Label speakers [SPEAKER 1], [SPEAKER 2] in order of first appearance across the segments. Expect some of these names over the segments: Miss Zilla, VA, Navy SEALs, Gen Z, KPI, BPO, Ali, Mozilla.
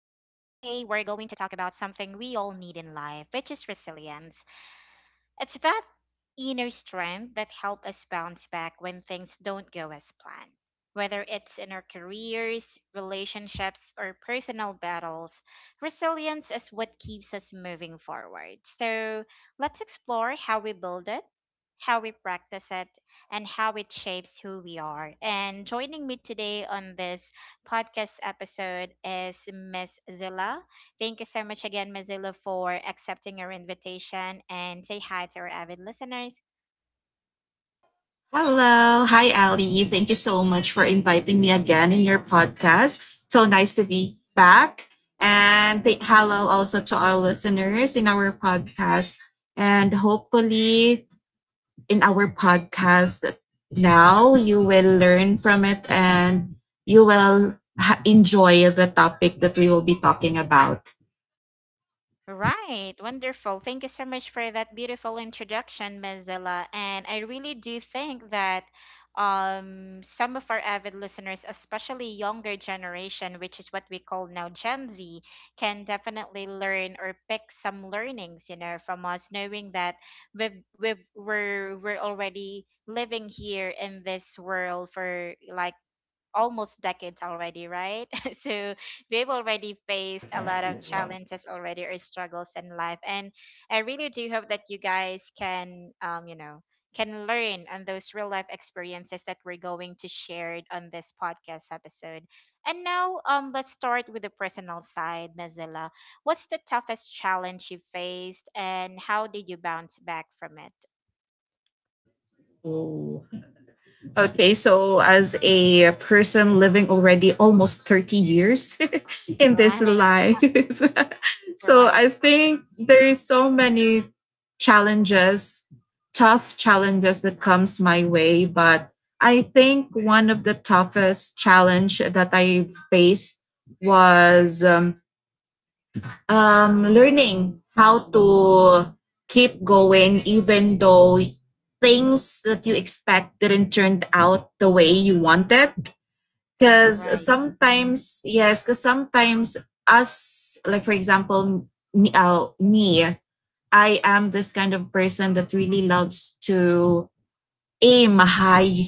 [SPEAKER 1] we're going to talk about something we all need in life, which is resilience. It's that inner strength that helps us bounce back when things don't go as planned. Whether it's in our careers, relationships, or personal battles, resilience is what keeps us moving forward. So let's explore how we build it, how we practice it, and how it shapes who we are. And joining me today on this podcast episode is Miss Zilla. Thank you so much again, Mozilla, for accepting our invitation and say hi to our avid listeners.
[SPEAKER 2] Hello. Hi, Ali. Thank you so much for inviting me again in your podcast. So nice to be back. And hello also to our listeners in our podcast. And hopefully, in our podcast now, you will learn from it and you will enjoy the topic that we will be talking about.
[SPEAKER 1] Right, wonderful. Thank you so much for that beautiful introduction, Mozilla. And I really do think that some of our avid listeners, especially younger generation, which is what we call now Gen Z, can definitely learn or pick some learnings, you know, from us, knowing that we're already living here in this world for like almost decades already, right? So we've already faced a lot of challenges already or struggles in life. And I really do hope that you guys can, you know, can learn on those real life experiences that we're going to share on this podcast episode. And now, let's start with the personal side, Mozilla. What's the toughest challenge you faced, and how did you bounce back from it?
[SPEAKER 2] So, Okay, so as a person living already almost 30 years in this
[SPEAKER 1] Right,
[SPEAKER 2] life, so
[SPEAKER 1] correct,
[SPEAKER 2] I think there is so many challenges, tough challenges that comes my way, but I think one of the toughest challenge that I faced was learning how to keep going even though things that you expect didn't turn out the way you wanted. Because
[SPEAKER 1] right,
[SPEAKER 2] sometimes, yes, because sometimes us, like for example, me, I am this kind of person that really loves to aim high,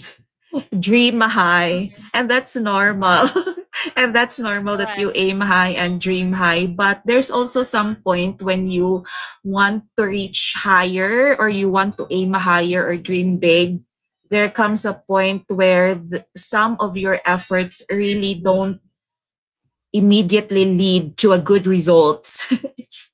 [SPEAKER 2] dream high, and that's
[SPEAKER 1] right,
[SPEAKER 2] normal.
[SPEAKER 1] correct,
[SPEAKER 2] And that's normal that
[SPEAKER 1] correct,
[SPEAKER 2] you aim high and dream high, but there's also some point when you want to reach higher or you want to aim higher or dream big. There comes a point where some of your efforts really don't immediately lead to a good results.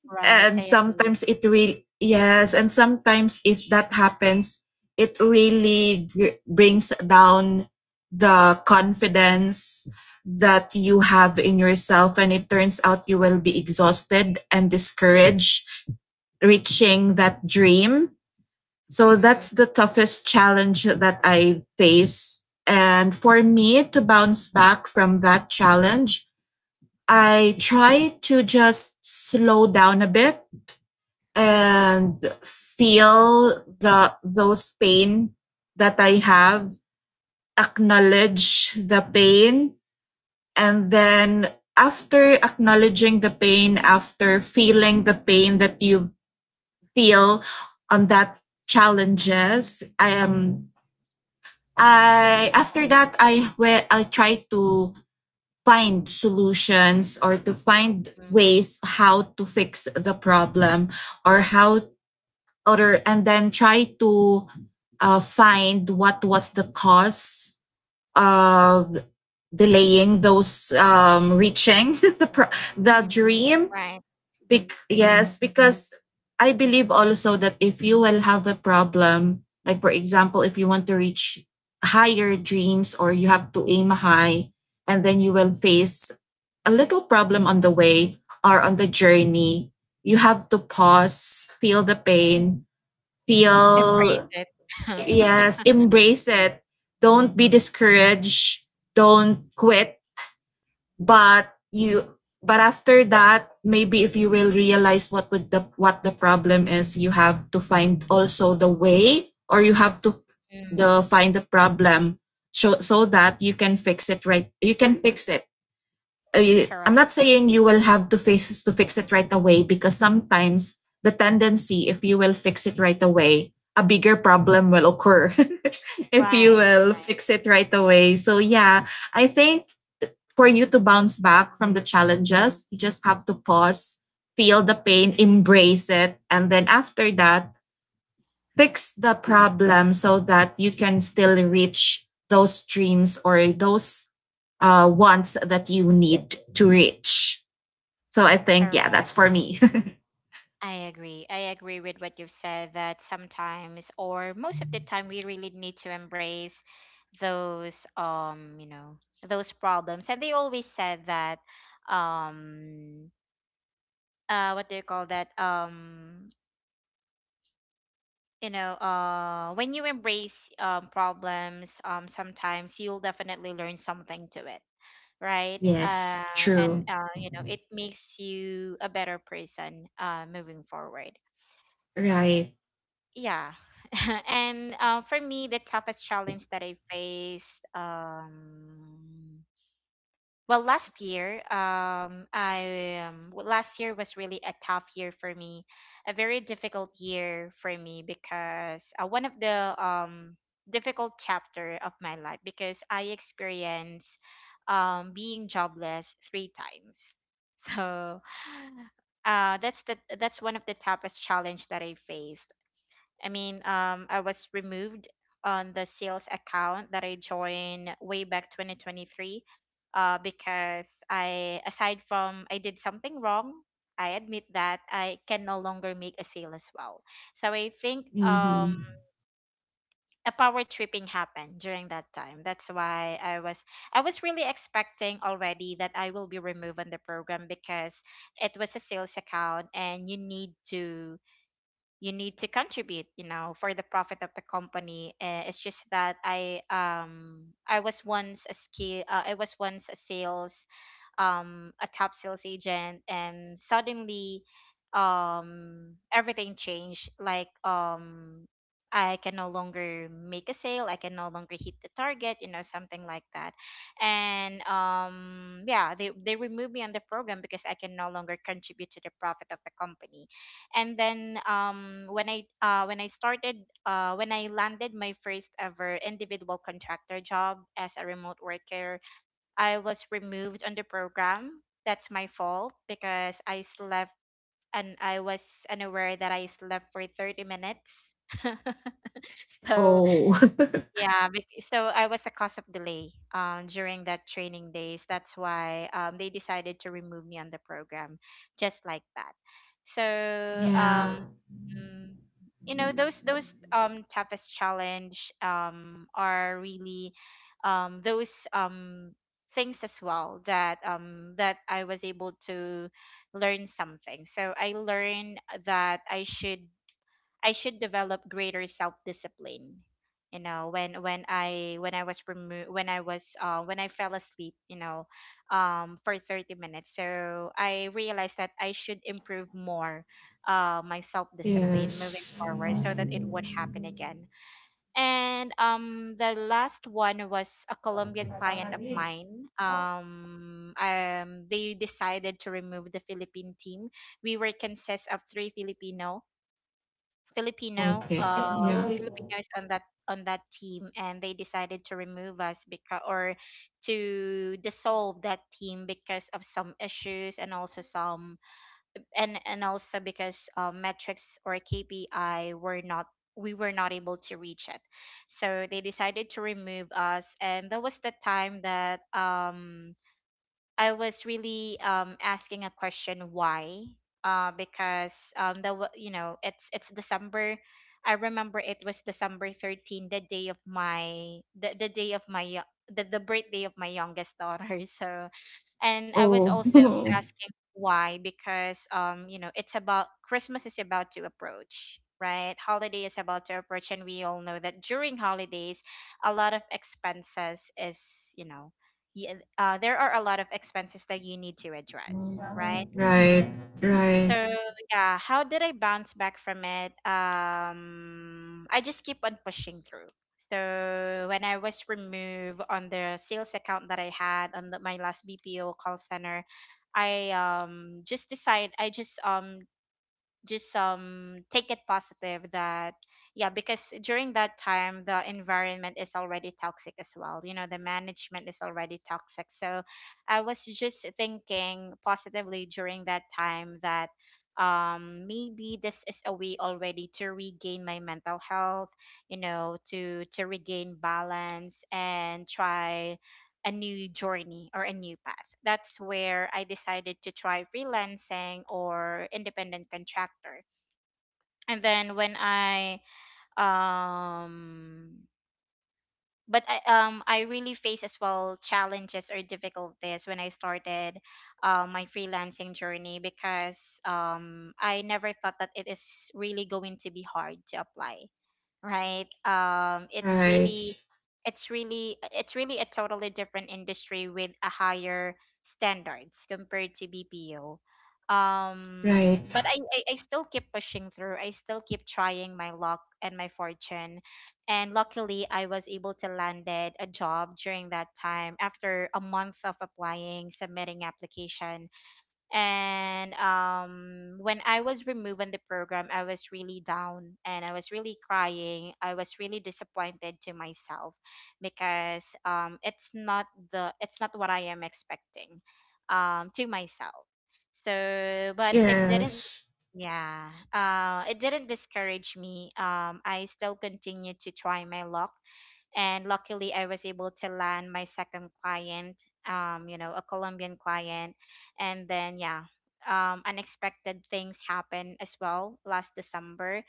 [SPEAKER 1] right.
[SPEAKER 2] And
[SPEAKER 1] I agree.
[SPEAKER 2] sometimes it really, yes, and sometimes if that happens, it really brings down the confidence that you have in yourself, and it turns out you will be exhausted and discouraged reaching that dream. So
[SPEAKER 1] Mm,
[SPEAKER 2] that's the toughest challenge that I face, and for me to bounce back from that challenge, I try to just slow down a bit
[SPEAKER 1] mhm,
[SPEAKER 2] and feel the those pain that I have, acknowledge the pain, and then after acknowledging the pain, after feeling the pain that you feel on that challenges, I am I after that I will I try to find solutions or to find
[SPEAKER 1] mm,
[SPEAKER 2] ways how to fix the problem or how or and then try to find what was the cause of delaying those reaching the the
[SPEAKER 1] mhm.
[SPEAKER 2] dream.
[SPEAKER 1] Right.
[SPEAKER 2] Because I believe also that if you will have a problem, like for example, if you want to reach higher dreams or you have to aim high, and then you will face a little problem on the way or on the journey, you have to pause, feel the pain,
[SPEAKER 1] Embrace
[SPEAKER 2] feel,
[SPEAKER 1] it.
[SPEAKER 2] yes, embrace it. Don't be discouraged, don't quit. But you, but after that, maybe if you will realize what would the what the problem is, you have to find also the way, or you have to
[SPEAKER 1] Mm,
[SPEAKER 2] the find the problem, so that you can fix it. Right, you can fix it. I'm
[SPEAKER 1] correct.
[SPEAKER 2] not saying you will have to face to fix it right away, because sometimes the tendency, if you will fix it right away, a bigger problem will occur if you
[SPEAKER 1] Right.
[SPEAKER 2] will fix it right away. So yeah, I think for you to bounce back from the challenges, you just have to pause, feel the pain, embrace it, and then after that fix the problem, so that you can still reach those dreams or those wants that you need to reach. So I think, yeah,
[SPEAKER 1] Correct.
[SPEAKER 2] that's for me.
[SPEAKER 1] I agree. I agree with what you've said that sometimes or most of the time we really need to embrace those you know, those problems. And they always said that um what do you call that? You know, when you embrace problems, sometimes you'll definitely learn something to it, right?
[SPEAKER 2] Yes,
[SPEAKER 1] And
[SPEAKER 2] true.
[SPEAKER 1] you know, it makes you a better person, moving forward.
[SPEAKER 2] Right.
[SPEAKER 1] Yeah. And for me, the toughest challenge that I faced, well, last year, last year was really a tough year for me, a very difficult year for me, because one of the difficult chapter of my life, because I experienced being jobless three times. so, that's the that's one of the toughest challenge that I faced. I mean, I was removed on the sales account that I joined way back 2023, because I aside from I did something wrong. I admit that I can no longer make a sale as well. So I think
[SPEAKER 2] Mm-hmm.
[SPEAKER 1] a power tripping happened during that time. That's why I was really expecting already that I will be removed on the program, because it was a sales account and you need to contribute, you know, for the profit of the company. It's just that I was once a sales a top sales agent, and suddenly everything changed. Like, I can no longer make a sale. I can no longer hit the target. You know, something like that. And yeah, they removed me on the program because I can no longer contribute to the profit of the company. And then when I started, when I landed my first ever individual contractor job as a remote worker, I was removed on the program. That's my fault because I slept and I was unaware that I slept for 30 minutes. So
[SPEAKER 2] Oh,
[SPEAKER 1] yeah, so I was a cause of delay during that training days. That's why they decided to remove me on the program, just like that. So
[SPEAKER 2] yeah.
[SPEAKER 1] um, Mm, you know those toughest challenge are really those things as well that that I was able to learn something. So I learned that I should develop greater self discipline. You know, when I was remo- when I was when I fell asleep, you know, for 30 minutes. So I realized that I should improve more my self discipline moving
[SPEAKER 2] Yes.
[SPEAKER 1] forward so that it would happen again. And the last one was a Colombian client of mine. They decided to remove the Philippine team. We were consist of three Filipino
[SPEAKER 2] Okay. Yeah.
[SPEAKER 1] Filipinos on that team, and they decided to remove us, because or to dissolve that team because of some issues and also some, and also because metrics or KPI were not, we were not able to reach it, so they decided to remove us. And that was the time that I was really asking a question why, because you know, it's December. I remember it was December 13, the day of my the day of my yo- the birthday of my youngest daughter. So and I was
[SPEAKER 2] Oh,
[SPEAKER 1] also asking why, because you know, it's about Christmas is about to approach, right? Holiday is about to approach, and we all know that during holidays a lot of expenses is, you know, yeah, there are a lot of expenses that you need to address, right?
[SPEAKER 2] right. Right.
[SPEAKER 1] So yeah, how did I bounce back from it? I just keep on pushing through. So when I was removed on the sales account that I had on my last BPO call center, I just decide I just take it positive that, yeah, because during that time the environment is already toxic as well, you know, the management is already toxic. So I was just thinking positively during that time that maybe this is a way already to regain my mental health, you know, to regain balance and try a new journey or a new path. That's where I decided to try freelancing or independent contractor. And then when I um but I really faced as well challenges or difficulties when I started my freelancing journey, because I never thought that it is really going to be hard to apply, right? It's
[SPEAKER 2] Right.
[SPEAKER 1] really it's really a totally different industry with a higher standards compared to BPO.
[SPEAKER 2] Right.
[SPEAKER 1] But I still keep pushing through. I still keep trying my luck and my fortune, and luckily I was able to landed a job during that time after a month of applying, submitting application. And when I was removed in the program, I was really down and I was really crying, I was really disappointed to myself, because it's not what I am expecting to myself. So but it didn't,
[SPEAKER 2] Yes.
[SPEAKER 1] yeah, it didn't discourage me. I still continued to try my luck, and luckily, I was able to land my second client. You know, a Colombian client, and then yeah, unexpected things happened as well last December,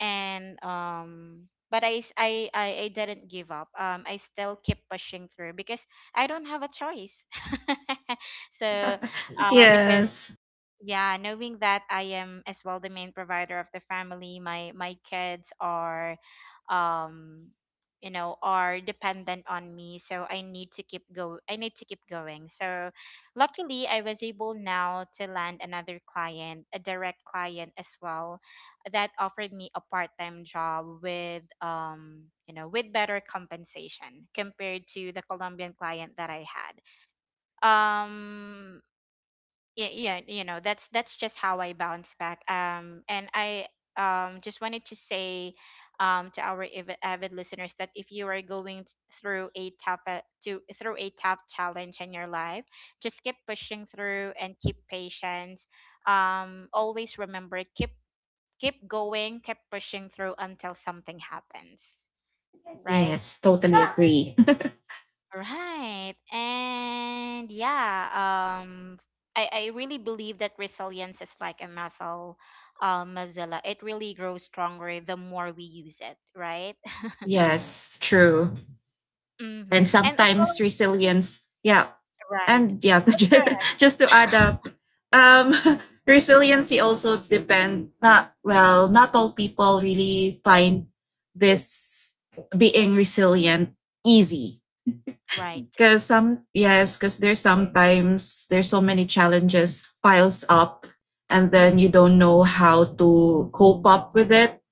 [SPEAKER 1] and but I s- I didn't give up. I still keep pushing through because I don't have a choice. so, because
[SPEAKER 2] Yes.
[SPEAKER 1] yeah, knowing that I am as well the main provider of the family, my kids are um you know, are dependent on me, so I need to keep go I need to keep going. So luckily I was able now to land another client, a direct client as well, that offered me a part-time job with you know, with better compensation compared to the colombian client that I had. um yeah, you know, that's just how I bounce back. And I Just wanted to say to our avid listeners that if you are going through a tough challenge in your life, just keep pushing through and keep patience. Always remember, keep going, keep pushing through until something happens, right?
[SPEAKER 2] Yes, totally agree.
[SPEAKER 1] Right. And yeah, I really believe that resilience is like a muscle, Mozilla. It really grows stronger the more we use it, right?
[SPEAKER 2] Yes, true. And
[SPEAKER 1] Mm-hmm. And of course,
[SPEAKER 2] sometimes resilience. Yeah.
[SPEAKER 1] right.
[SPEAKER 2] And yeah,
[SPEAKER 1] Correct.
[SPEAKER 2] just to add up, um, resiliency also depend, not, well, not all people really find this being resilient easy.
[SPEAKER 1] Right.
[SPEAKER 2] Because there's sometimes there's so many challenges piles up and then you
[SPEAKER 1] Mm,
[SPEAKER 2] don't know how to cope up with it.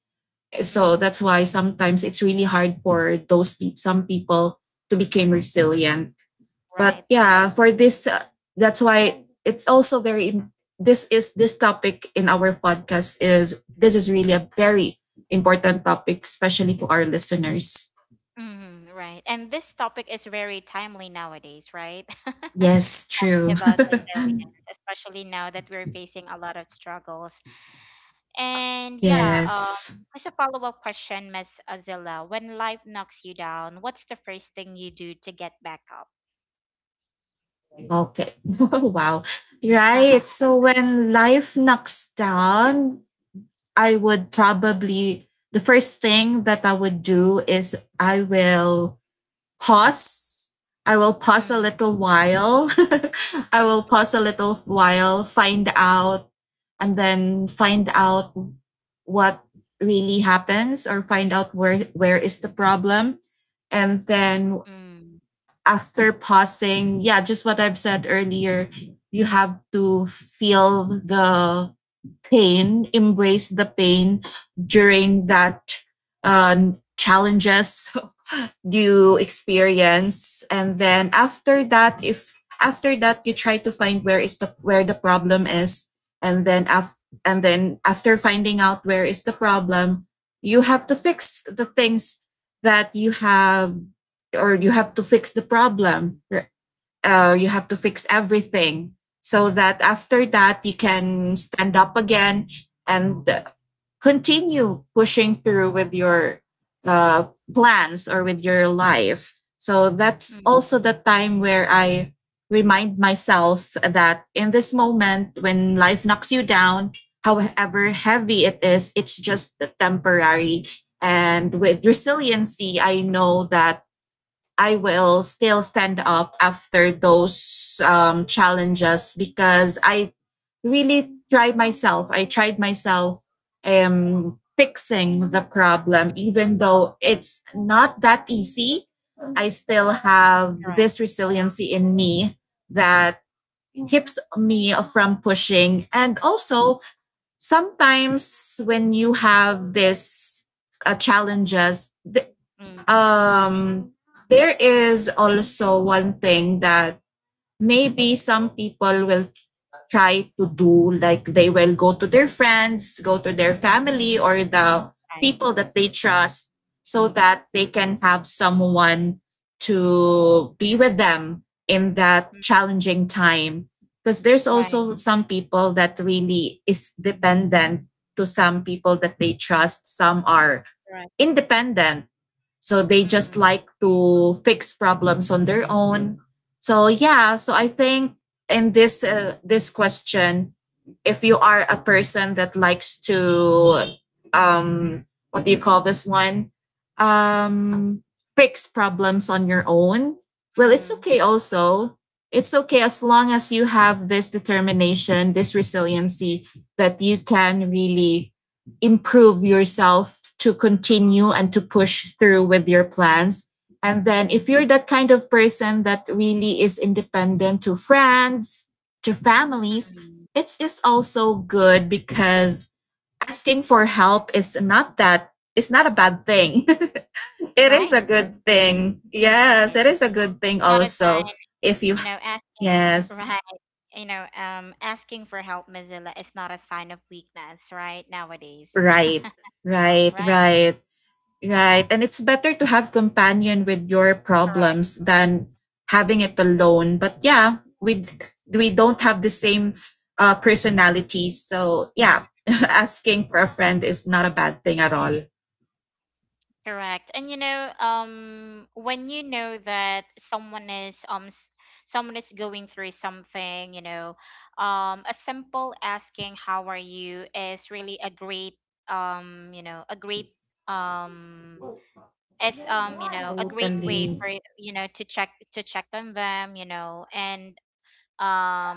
[SPEAKER 2] So
[SPEAKER 1] mm,
[SPEAKER 2] that's why sometimes it's really hard for those some people to become resilient.
[SPEAKER 1] right.
[SPEAKER 2] But yeah,
[SPEAKER 1] I,
[SPEAKER 2] for this, that's why it's also very this is this topic in our podcast is, this is really a very important topic, especially to our listeners.
[SPEAKER 1] mm, right. And this topic is very timely nowadays, right?
[SPEAKER 2] Yes,
[SPEAKER 1] Talking
[SPEAKER 2] true.
[SPEAKER 1] about resilience, especially now that we're facing a lot of struggles. And yeah,
[SPEAKER 2] Yes.
[SPEAKER 1] just a follow-up question, Miss Azila. When life knocks you down, what's the first thing you do to get back up?
[SPEAKER 2] Okay. Wow. Right, so when life knocks down, I would probably, the first thing that I would do is I will pause. I will pause a
[SPEAKER 1] Mm,
[SPEAKER 2] little while. I will pause a little while, find out, and then find out what really happens, or find out where is the problem, and then
[SPEAKER 1] mm,
[SPEAKER 2] after pausing, yeah, just what I've said earlier, you have to feel the pain, embrace the pain during that, uh, challenges you experience, and then after that, if after that, you try to find where is the, where the problem is, and then after, and then after finding out where is the problem, you have to fix the things that you have, or you have to fix the problem.
[SPEAKER 1] mm,
[SPEAKER 2] You have to fix everything so that after that you can stand up again and continue pushing through with your uh, plans or with your life. So that's
[SPEAKER 1] mm,
[SPEAKER 2] also the time where I remind myself that in this moment, when life knocks you down, however heavy it is, it's just temporary. And with resiliency, I know that I will still stand up after those challenges, because I really tried myself. I tried myself fixing the problem, even though it's not that easy. I still have
[SPEAKER 1] correct.
[SPEAKER 2] this resiliency in me that keeps me from pushing. And also, sometimes when you have this challenges,
[SPEAKER 1] Mm,
[SPEAKER 2] um there is also one thing that maybe some people will try to do, like they will go to their friends, go to their family, or the
[SPEAKER 1] right.
[SPEAKER 2] people that they trust, so that they can have someone to be with them in that
[SPEAKER 1] Mm,
[SPEAKER 2] challenging time, because there's
[SPEAKER 1] right.
[SPEAKER 2] also some people that really is dependent to some people that they trust. Some are
[SPEAKER 1] Correct.
[SPEAKER 2] independent. So they just
[SPEAKER 1] Mm,
[SPEAKER 2] like to fix problems on their own. So yeah, so I think in this, this question, if you are a person that likes to, what do you call this one? Um Fix problems on your own, well, it's
[SPEAKER 1] mm,
[SPEAKER 2] okay also. It's okay as long as you have this determination, this resiliency that you can really improve yourself to continue and to push through with your plans. And then if you're that kind of person that really is independent to friends, to families,
[SPEAKER 1] mm,
[SPEAKER 2] it is also good, because asking for help is not that, it's not a bad thing. It is a
[SPEAKER 1] right.
[SPEAKER 2] good thing. Yes,
[SPEAKER 1] Right.
[SPEAKER 2] it is a good thing
[SPEAKER 1] Not a sign,
[SPEAKER 2] also. If you,
[SPEAKER 1] you know, asking,
[SPEAKER 2] yes,
[SPEAKER 1] right, you know, asking for help, Mozilla, is not a sign of weakness, right, nowadays.
[SPEAKER 2] right, right,
[SPEAKER 1] Right.
[SPEAKER 2] right. Right. And it's better to have companion with your
[SPEAKER 1] Correct.
[SPEAKER 2] problems than having it alone. But yeah, we don't have the same personalities. So yeah, asking for a friend is not a bad thing at all.
[SPEAKER 1] Correct. And you know, when you know that someone is someone is going through something, you know, a simple asking "How are you?" is really a great um, it's you know, a great way for to check on them, you know. Um,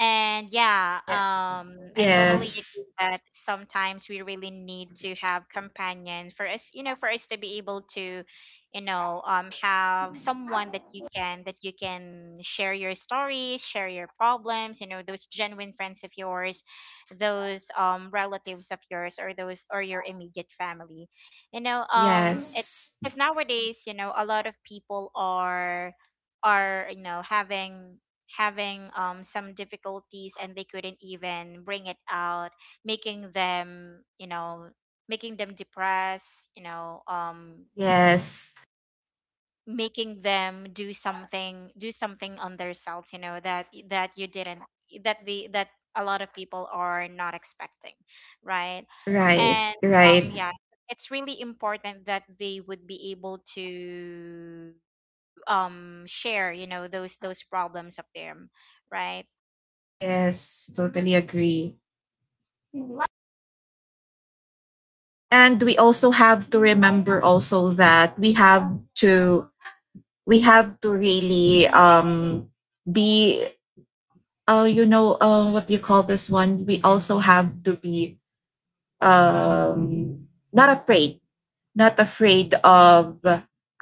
[SPEAKER 1] And yeah, I totally agree that sometimes we really need to have companion for us, you know, for us to be able to, have someone that you can share your stories, share your problems, you know, those genuine friends of yours, those relatives of yours, or those or your immediate family, you know, it
[SPEAKER 2] Yes.
[SPEAKER 1] because nowadays, you know, a lot of people are having some difficulties and they couldn't even bring it out, making them, you know, making them depressed, you know,
[SPEAKER 2] Yes.
[SPEAKER 1] making them do something on themselves, you know, that that you didn't that the that a lot of people are not expecting, right?
[SPEAKER 2] Right,
[SPEAKER 1] and
[SPEAKER 2] right.
[SPEAKER 1] yeah It's really important that they would be able to share, you know, those problems of them, right?
[SPEAKER 2] Yes, totally agree. And we also have to remember also that we have to, we have to really be, what do you call this one? We also have to be um not afraid, not afraid of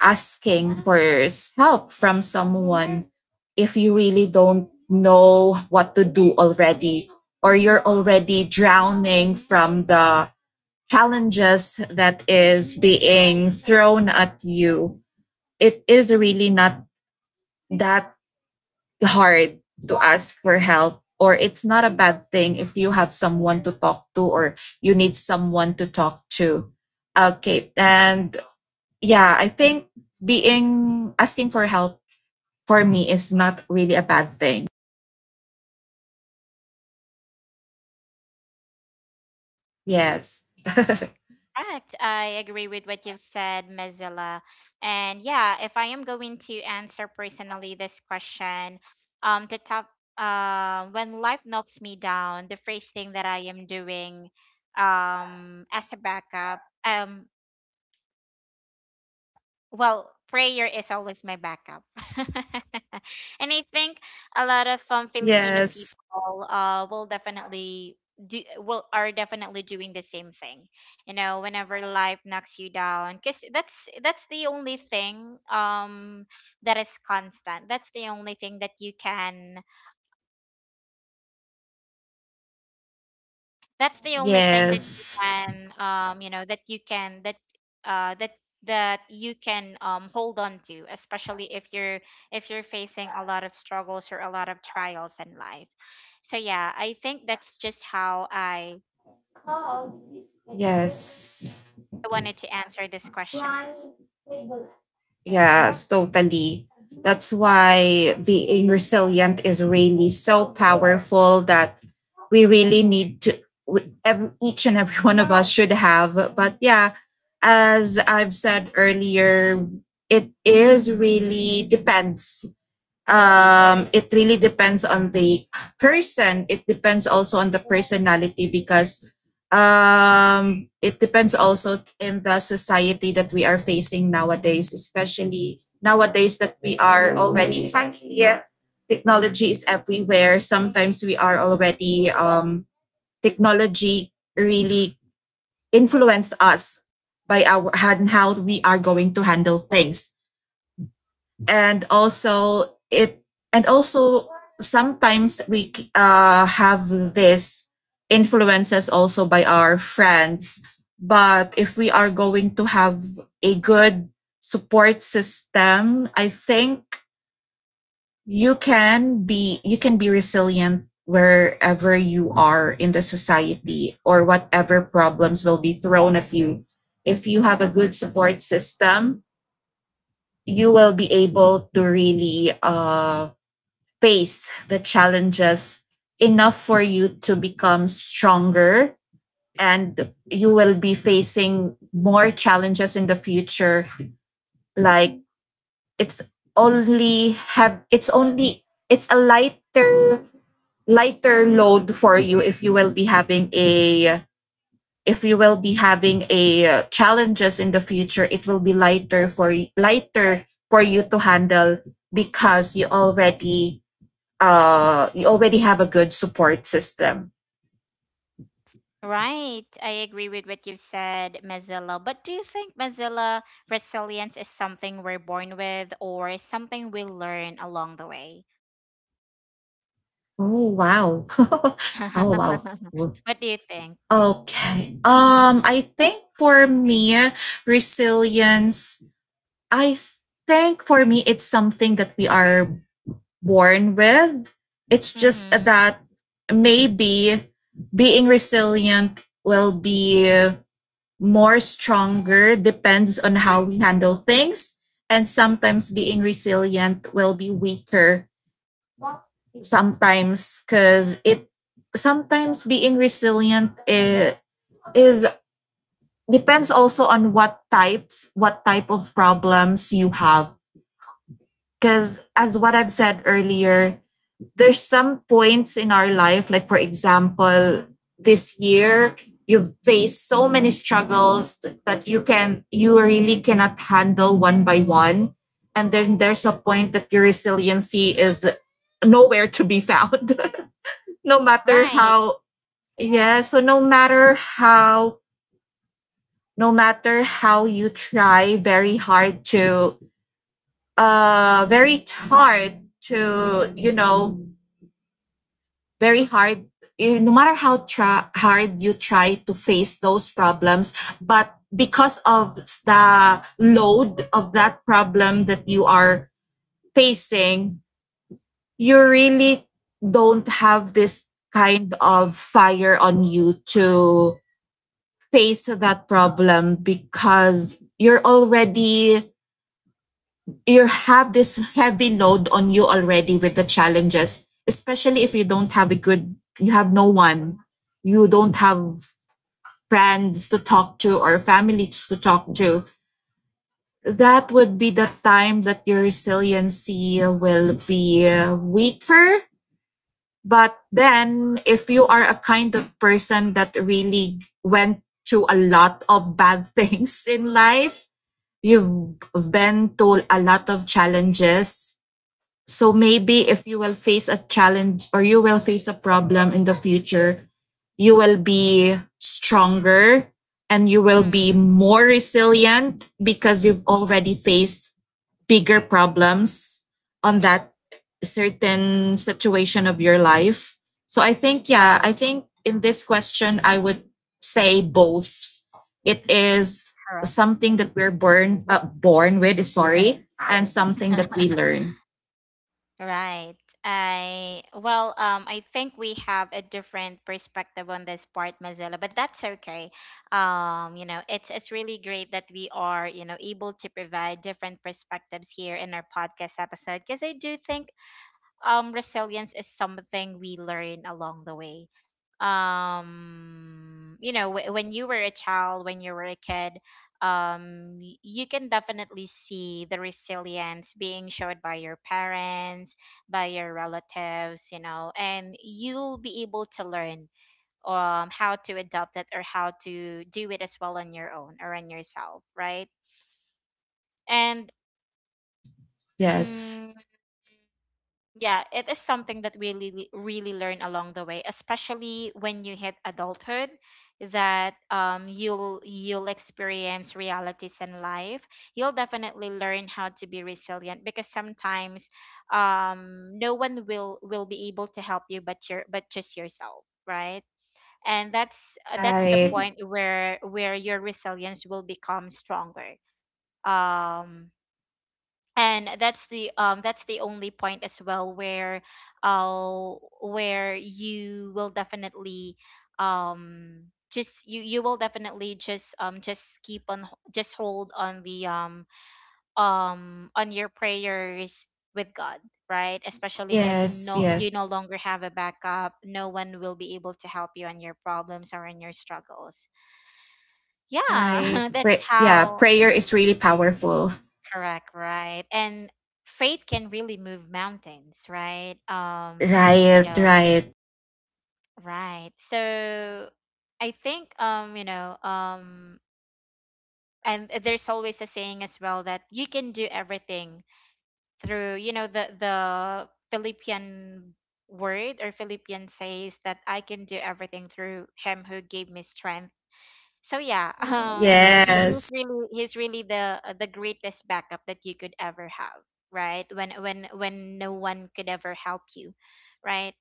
[SPEAKER 2] asking for help from someone. If you really don't know what to do already, or you're already drowning from the challenges that is being thrown at you, it is really not that hard to ask for help, or it's not a bad thing if you have someone to talk to, or you need someone to talk to. Okay, and yeah, I think being asking for help, for me, is not really a bad thing. Yes.
[SPEAKER 1] Correct. I agree with what you've said, Mozilla. And yeah, if I am going to answer personally this question, um, the top, when life knocks me down, the first thing that I am doing, as a backup, well, prayer is always my backup. And I think a lot of Filipino
[SPEAKER 2] Yes.
[SPEAKER 1] people will definitely do will are definitely doing the same thing, you know, whenever life knocks you down, because that's the only thing that is constant. That's the only thing that you can— that's the only thing that you
[SPEAKER 2] Yes.
[SPEAKER 1] can, you know, that you can that that that you can hold on to, especially if you're facing a lot of struggles or a lot of trials in life. So yeah, I think that's just how I
[SPEAKER 2] Yes.
[SPEAKER 1] wanted to answer this question.
[SPEAKER 2] Yes, totally. That's why being resilient is really so powerful that we really need to, each and every one of us should have. But yeah, as I've said earlier, it is really depends, it really depends on the person. It depends also on the personality, because it depends also in the society that we are facing nowadays, especially nowadays that we are already yeah, technology is everywhere. Sometimes we are already, technology really influence us by our, and how we are going to handle things. And also it and also sometimes we, have this influences also by our friends. But if we are going to have a good support system, I think you can be, you can be resilient wherever you are in the society, or whatever problems will be thrown at you. If you have a good support system, you will be able to really, pace the challenges enough for you to become stronger, and you will be facing more challenges in the future, like, it's only have it's only it's a lighter, lighter load for you. If you will be having a, if you will be having a, challenges in the future, it will be lighter for, lighter for you to handle, because you already, you already have a good support system.
[SPEAKER 1] Right, I agree with what you said, Mozilla. But do you think, Mozilla, resilience is something we're born with or is something we learn along the way?
[SPEAKER 2] Oh wow. Oh wow. Wo-
[SPEAKER 1] What do you think?
[SPEAKER 2] Okay. I think for me resilience, I think for me it's something that we are born with. It's just
[SPEAKER 1] Mhm.
[SPEAKER 2] that maybe being resilient will be more stronger depends on how we handle things. And sometimes being resilient will be weaker sometimes because it sometimes being resilient is, depends also on what type of problems you have because as what I've said earlier, there's some points in our life, like for example, this year you've faced so many struggles that you really cannot handle one by one. And then there's a point that your resiliency is nowhere to be found. No matter
[SPEAKER 1] Right.
[SPEAKER 2] how, yeah, no matter how you try very hard to, you know, very hard eh, no matter how hard you try to face those problems, but because of the load of that problem that you are facing, you really don't have this kind of fire on you to face that problem because you have this heavy load on you already with the challenges, especially if you have no one, you don't have friends to talk to or families to talk to. That would be the time that your resiliency will be weaker. But then, if you are a kind of person that really went to a lot of bad things in life, you've been to a lot of challenges. So maybe if you will face a challenge or you will face a problem in the future, you will be stronger and you will be
[SPEAKER 1] Mm.
[SPEAKER 2] more resilient because you've already faced bigger problems on that certain situation of your life. So I think, yeah,
[SPEAKER 1] Right.
[SPEAKER 2] I think in this question, I would say both. It is
[SPEAKER 1] Correct.
[SPEAKER 2] something that we're born born with, sorry, and something that we learn.
[SPEAKER 1] Right. I think we have a different perspective on this part, Mozilla, but that's okay. You know, it's really great that we are, you know, able to provide different perspectives here in our podcast episode, because I do think resilience is something we learn along the way. You know, when you were a child, when you were a kid, you can definitely see the resilience being showed by your parents, by your relatives, you know, and you'll be able to learn how to adopt it or how to do it as well on your own or on yourself, right? and
[SPEAKER 2] Yes.
[SPEAKER 1] mm, Yeah, it is something that we really, really learn along the way, especially when you hit adulthood, that you'll experience realities in life. You'll definitely learn how to be resilient, because sometimes, no one will be able to help you but your but just yourself, right? And that's the
[SPEAKER 2] Right.
[SPEAKER 1] point where your resilience will become stronger. Um, and that's the only point as well uh where you will definitely um just you you will definitely just keep on just hold on the on your prayers with God, right? Especially if
[SPEAKER 2] Yes, yes.
[SPEAKER 1] you no longer have a backup, no one will be able to help you on your problems or on your struggles.
[SPEAKER 2] Right.
[SPEAKER 1] Yeah. That's
[SPEAKER 2] Yeah,
[SPEAKER 1] how.
[SPEAKER 2] prayer is really powerful.
[SPEAKER 1] Correct, right. And faith can really move mountains, right?
[SPEAKER 2] Right, right.
[SPEAKER 1] Right. So I think, you know, and there's always a saying as well that you can do everything through, you know, the Philippian word, or Philippian says that I can do everything through him who gave me strength. So yeah, he
[SPEAKER 2] Yes.
[SPEAKER 1] he's really the greatest backup that you could ever have, right? When no one could ever help you, right?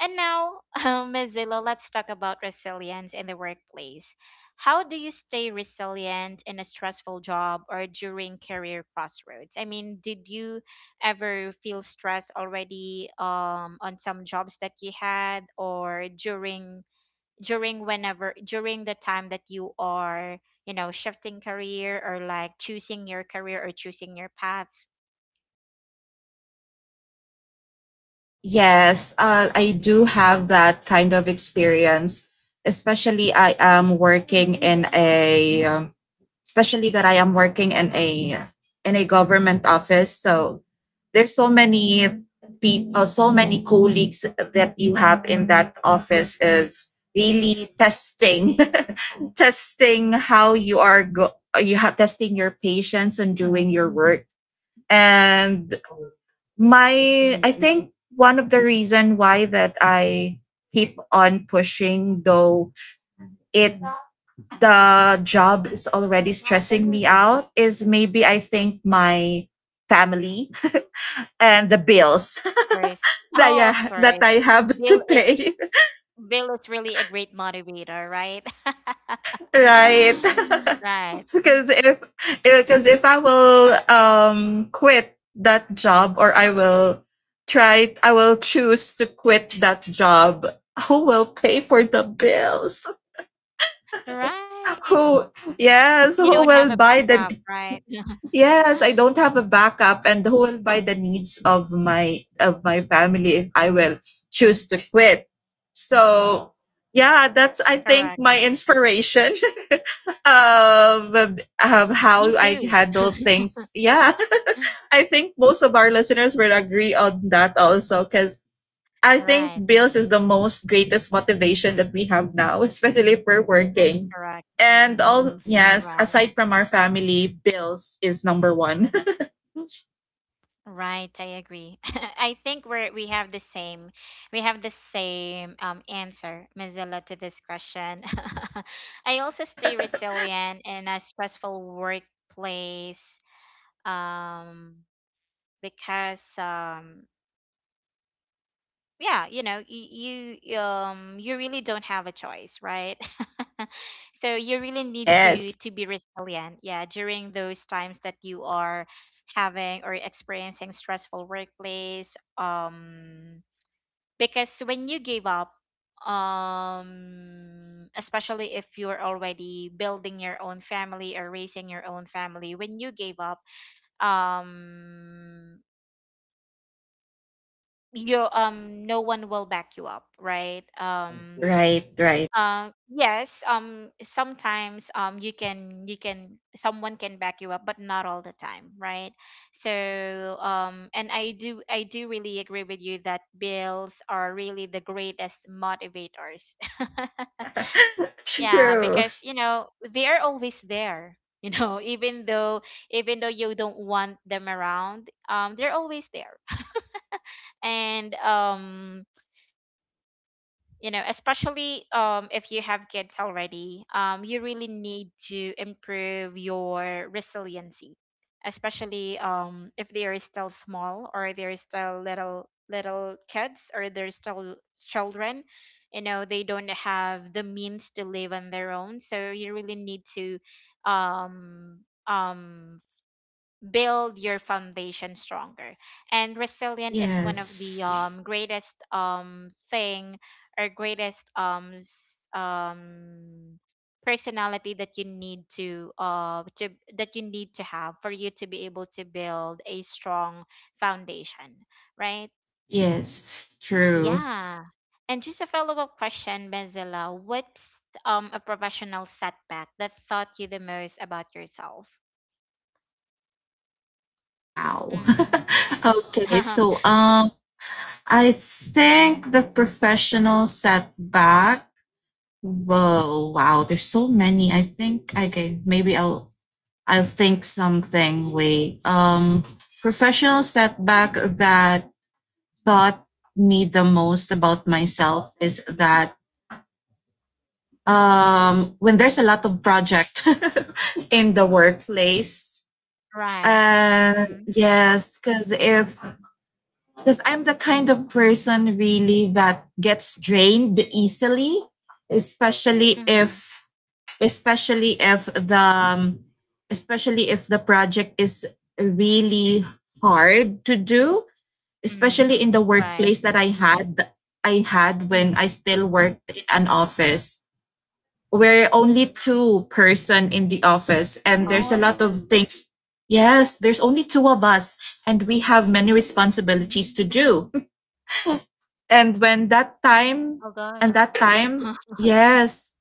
[SPEAKER 1] And now, Mozilla, let's talk about resilience in the workplace. How do you stay resilient in a stressful job or during career crossroads? I mean, did you ever feel stress already on some jobs that you had, or during during whenever during the time that you are, you know, shifting career, or like choosing your career or choosing your path?
[SPEAKER 2] Yes. I do have that kind of experience, especially I am working in a um, especially that I am working in a government office. So there's so many people, so many colleagues that you have in that office, is really testing, testing how you have testing your patience and doing your work. And I think one of the reason why that I keep on pushing, though it the job is already stressing me out, is maybe I think my family and the bills
[SPEAKER 1] Of course. Oh, of
[SPEAKER 2] that I
[SPEAKER 1] course.
[SPEAKER 2] have to
[SPEAKER 1] bill is
[SPEAKER 2] pay,
[SPEAKER 1] Bill is really a great motivator, right?
[SPEAKER 2] right?
[SPEAKER 1] Right.
[SPEAKER 2] Because if because if I will quit that job, or I will try I will choose to quit that job, who will pay for the bills,
[SPEAKER 1] Right.
[SPEAKER 2] who? Yes,
[SPEAKER 1] You don't
[SPEAKER 2] who
[SPEAKER 1] have a
[SPEAKER 2] will buy the...
[SPEAKER 1] backup, right?
[SPEAKER 2] Yes, I don't have a backup, and who will buy the needs of my family if I will choose to quit. So yeah, that's I think
[SPEAKER 1] Correct.
[SPEAKER 2] my inspiration of
[SPEAKER 1] Me
[SPEAKER 2] how I
[SPEAKER 1] too.
[SPEAKER 2] handle things. Yeah, I think most of our listeners will agree on that also because I think
[SPEAKER 1] Right.
[SPEAKER 2] bills is the most greatest motivation that we have now, especially if we're working.
[SPEAKER 1] Correct.
[SPEAKER 2] And all, yes,
[SPEAKER 1] Right.
[SPEAKER 2] aside from our family, bills is number one.
[SPEAKER 1] Right, I agree. I think we have the same answer, Mozilla, to this question. I also stay resilient in a stressful workplace, um because yeah, you know, you you really don't have a choice, right? So you really need
[SPEAKER 2] Yes.
[SPEAKER 1] to be resilient, yeah, during those times that you are having or experiencing stressful workplace, because when you give up, especially if you're already building your own family or raising your own family, when you gave up, um you no one will back you up, right?
[SPEAKER 2] Right, right.
[SPEAKER 1] Yes, sometimes, you can— someone can back you up, but not all the time, right? So and I do really agree with you that bills are really the greatest motivators. Yeah,
[SPEAKER 2] True.
[SPEAKER 1] because you know they are always there. You know, even though you don't want them around, they're always there. And you know, especially if you have kids already, you really need to improve your resiliency, especially if they are still small, or they're still little little kids, or they're still children, you know, they don't have the means to live on their own, so you really need to um um build your foundation stronger. And resilient is one of the
[SPEAKER 2] Yes.
[SPEAKER 1] greatest thing, or greatest personality that you need to that you need to have for you to be able to build a strong foundation, right?
[SPEAKER 2] Yes, true.
[SPEAKER 1] Yeah. And just a follow-up question, Benzela, what's a professional setback that taught you the most about yourself?
[SPEAKER 2] Wow.
[SPEAKER 1] Mm.
[SPEAKER 2] Okay, so um, I think the professional setback. Whoa, wow, there's so many. I think okay, maybe I'll think something. Wait. Um, professional setback that taught me the most about myself is that, when there's a lot of project in the workplace,
[SPEAKER 1] Right. Mm-hmm.
[SPEAKER 2] yes, because if because I'm the kind of person really that gets drained easily, especially
[SPEAKER 1] Mhm,
[SPEAKER 2] if especially if the um, especially if the project is really hard to do,
[SPEAKER 1] mhm.
[SPEAKER 2] especially in the
[SPEAKER 1] Right.
[SPEAKER 2] workplace that I had when
[SPEAKER 1] Mhm.
[SPEAKER 2] I still worked in an office. We're only two person in the office and there's a
[SPEAKER 1] Oh,
[SPEAKER 2] lot of things. Yes, there's only two of us and we have many responsibilities to do, and when that
[SPEAKER 1] oh
[SPEAKER 2] time
[SPEAKER 1] gosh.
[SPEAKER 2] and that time, yes.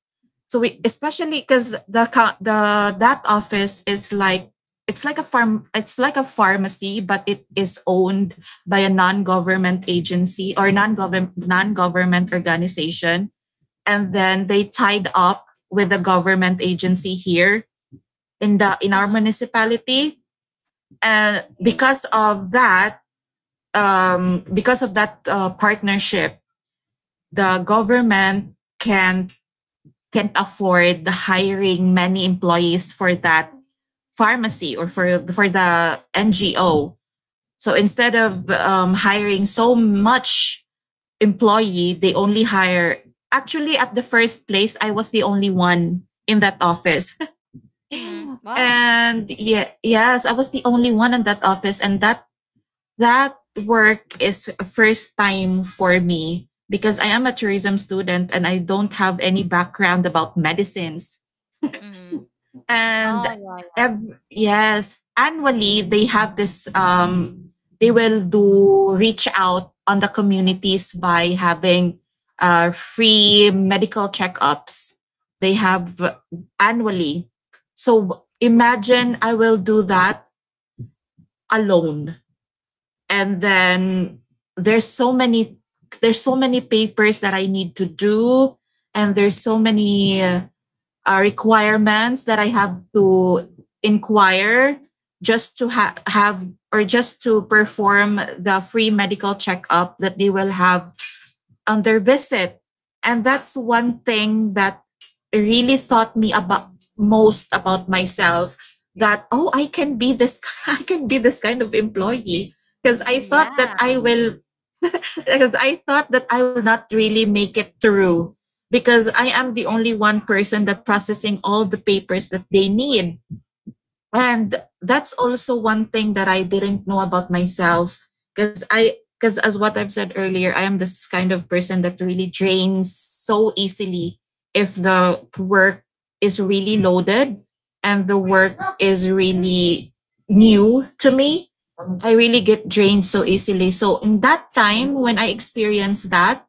[SPEAKER 2] So we, especially because the that office is like, it's like a farm, it's like a pharmacy, but it is owned by a non-government agency or non-government organization, and then they tied up with the government agency here in the
[SPEAKER 1] Uh-huh.
[SPEAKER 2] in our municipality. And because of that, partnership, the government can can't afford hiring many employees for that pharmacy or for the NGO. So instead of hiring so much employee, they only hire. Actually, at the first place, I was the only one in that office,
[SPEAKER 1] Mhm. Wow.
[SPEAKER 2] and yeah, yes, I was the only one in that office, and that work is a first time for me because I am a tourism student and I don't have any background about medicines.
[SPEAKER 1] Mhm.
[SPEAKER 2] And
[SPEAKER 1] Oh, yeah, yeah.
[SPEAKER 2] yes, annually they have this they will do reach out on the communities by having free medical checkups. They
[SPEAKER 1] Mhm.
[SPEAKER 2] have annually. So imagine I will do that alone, and then there's so many, there's so many papers that I need to do, and there's so many requirements that I have to inquire just to have or just to perform the free medical checkup that they will have on their visit. And that's one thing that really taught me about most about myself, that oh, I can be this, I can be this kind of employee, because I thought that
[SPEAKER 1] Yeah.
[SPEAKER 2] I will, because I thought that I will not really make it through, because I am the only
[SPEAKER 1] Right.
[SPEAKER 2] one person that processing all the papers that they need, and
[SPEAKER 1] Right.
[SPEAKER 2] that's
[SPEAKER 1] And,
[SPEAKER 2] also
[SPEAKER 1] and
[SPEAKER 2] one thing that I didn't know about myself,
[SPEAKER 1] Correct.
[SPEAKER 2] because as what I've said earlier, I am this kind of person that really drains so easily if the work is really loaded and the work is really new to me, I really get drained so easily. So in that time when I experienced that,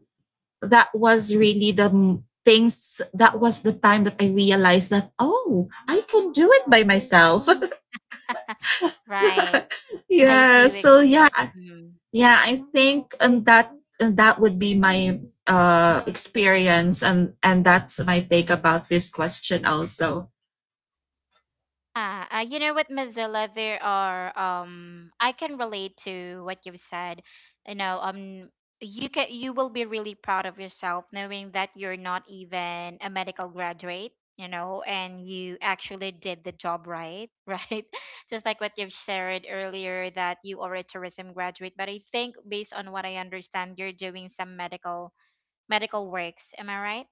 [SPEAKER 2] that was really the m- things that was the time that I realized that, oh, I can do it by myself.
[SPEAKER 1] Right. I
[SPEAKER 2] Yeah,
[SPEAKER 1] do
[SPEAKER 2] so
[SPEAKER 1] agree.
[SPEAKER 2] yeah,
[SPEAKER 1] Mhm.
[SPEAKER 2] yeah, I think um, that would be my uh, experience, and that's my take about this question also.
[SPEAKER 1] You know what, Mozilla, there are I can relate to what you've said. You know, you can— you will be really proud of yourself knowing that you're not even a medical graduate, you know, and you actually did the job right, right? Just like what you've shared earlier, that you are a tourism graduate, but I think based on what I understand, you're doing some medical works. Am I right?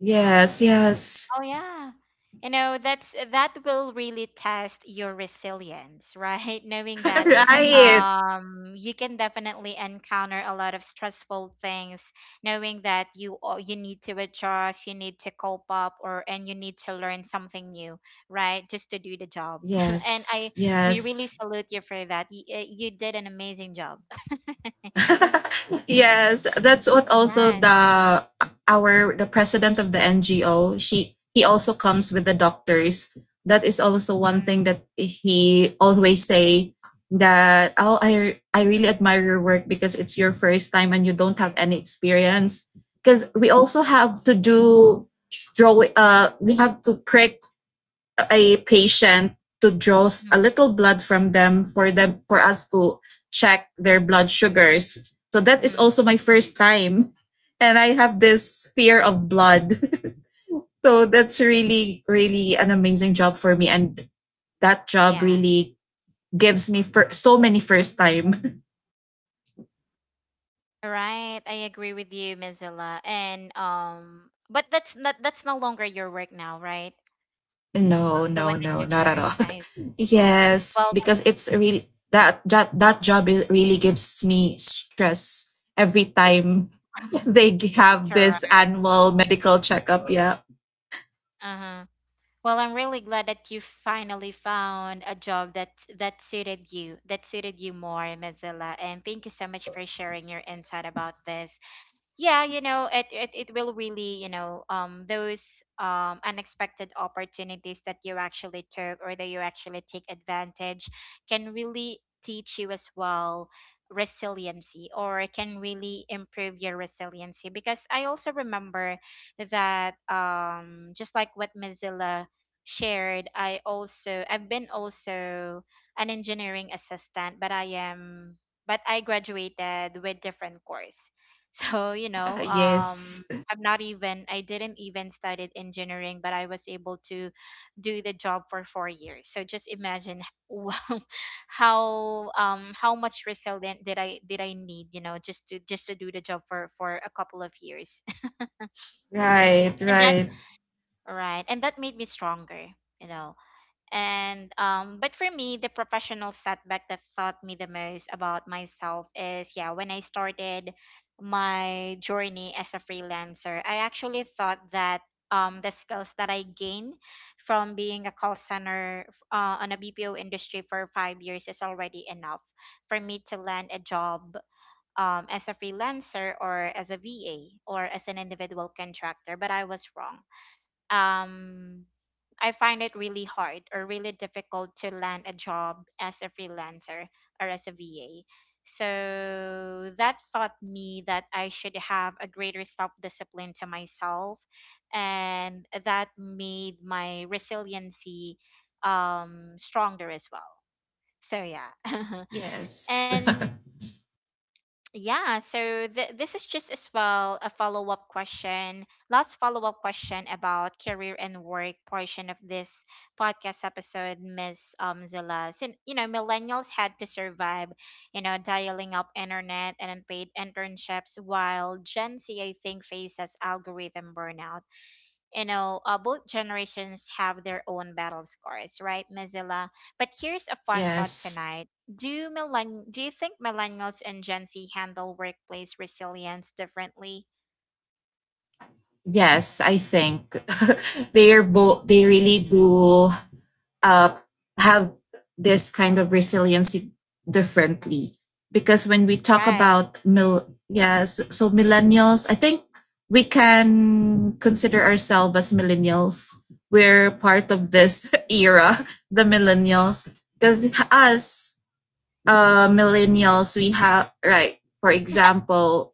[SPEAKER 2] Yes, yes.
[SPEAKER 1] Oh yeah. You know, that's— that will really test your resilience, right? Knowing that
[SPEAKER 2] Right.
[SPEAKER 1] you can definitely encounter a lot of stressful things, knowing that you need to adjust, you need to cope up or and you need to learn something new, right? Just to do the job. And
[SPEAKER 2] Yes,
[SPEAKER 1] I we really
[SPEAKER 2] yes.
[SPEAKER 1] salute you for that. You did an amazing job.
[SPEAKER 2] Yes, that's what also
[SPEAKER 1] Right.
[SPEAKER 2] the president of the NGO, she he also comes with the doctors. That is also one thing that he always say, that oh, I really admire your work because it's your first time and you don't have any experience. Because we also have to do draw, uh, we have to prick a patient to draw a little blood from them, for us to check their blood sugars. So that is
[SPEAKER 1] Mm-hmm.
[SPEAKER 2] also my first time. And I have this fear of blood. So that's really, really an amazing job for me. And that job
[SPEAKER 1] Yes.
[SPEAKER 2] really gives me for so many first time.
[SPEAKER 1] Right, I agree with you, Mozilla. And but that's not— that's no longer your work now, right?
[SPEAKER 2] No,
[SPEAKER 1] The
[SPEAKER 2] no,
[SPEAKER 1] one that
[SPEAKER 2] no,
[SPEAKER 1] you
[SPEAKER 2] not at
[SPEAKER 1] shared.
[SPEAKER 2] all.
[SPEAKER 1] I
[SPEAKER 2] Yes,
[SPEAKER 1] well,
[SPEAKER 2] because it's really that that job is, really gives me stress every time they have this
[SPEAKER 1] Correct.
[SPEAKER 2] annual medical checkup. Yeah.
[SPEAKER 1] Uh-huh. Well, I'm really glad that you finally found a job that that suited you more, Mozilla. And thank you so much for sharing your insight about this. Yeah, you know it it will really, you know, those unexpected opportunities that you actually took or that you actually take advantage can really teach you as well resiliency, or it can really improve your resiliency. Because I also remember that, just like what Mozilla shared, I also— I've been also an engineering assistant, but I am but I graduated with different course. So, you know,
[SPEAKER 2] Yes.
[SPEAKER 1] I'm not even— I didn't even studied engineering, but I was able to do the job for 4 years. So just imagine, wow, how much resilient did I need, you know, just to do the job for a couple of years.
[SPEAKER 2] Right.
[SPEAKER 1] And that—
[SPEAKER 2] Right.
[SPEAKER 1] right, and that made me stronger, you know. And but for me, the professional setback that taught me the most about myself is, yeah, when I started my journey as a freelancer, I actually thought that the skills that I gained from being a call center on a BPO industry for 5 years is already enough for me to land a job, as a freelancer, or as a VA, or as an individual contractor. But I was wrong. Um, I find it really hard or really difficult to land a job as a freelancer or as a VA. So that taught me that I should have a greater self discipline to myself. And that made my resiliency stronger as well. So, yeah.
[SPEAKER 2] Yes.
[SPEAKER 1] And yeah, so this is just as well a follow up question, last follow up question about career and work portion of this podcast episode, Miss Zilla. Millennials had to survive, you know, dialing up internet and unpaid internships, while Gen Z, I think, faces algorithm burnout. Both generations have their own battle scars, right, Mozilla? But here's a fun thought
[SPEAKER 2] Yes.
[SPEAKER 1] tonight. Do you think millennials and Gen Z handle workplace resilience differently?
[SPEAKER 2] Yes. I think they are both. They really do uh, have this kind of resiliency differently, because when we talk
[SPEAKER 1] Right.
[SPEAKER 2] about mil yes, so millennials, I think we can consider ourselves as millennials, we're part of this era, the millennials, because us, uh, millennials, we have, right, for
[SPEAKER 1] It's not.
[SPEAKER 2] example,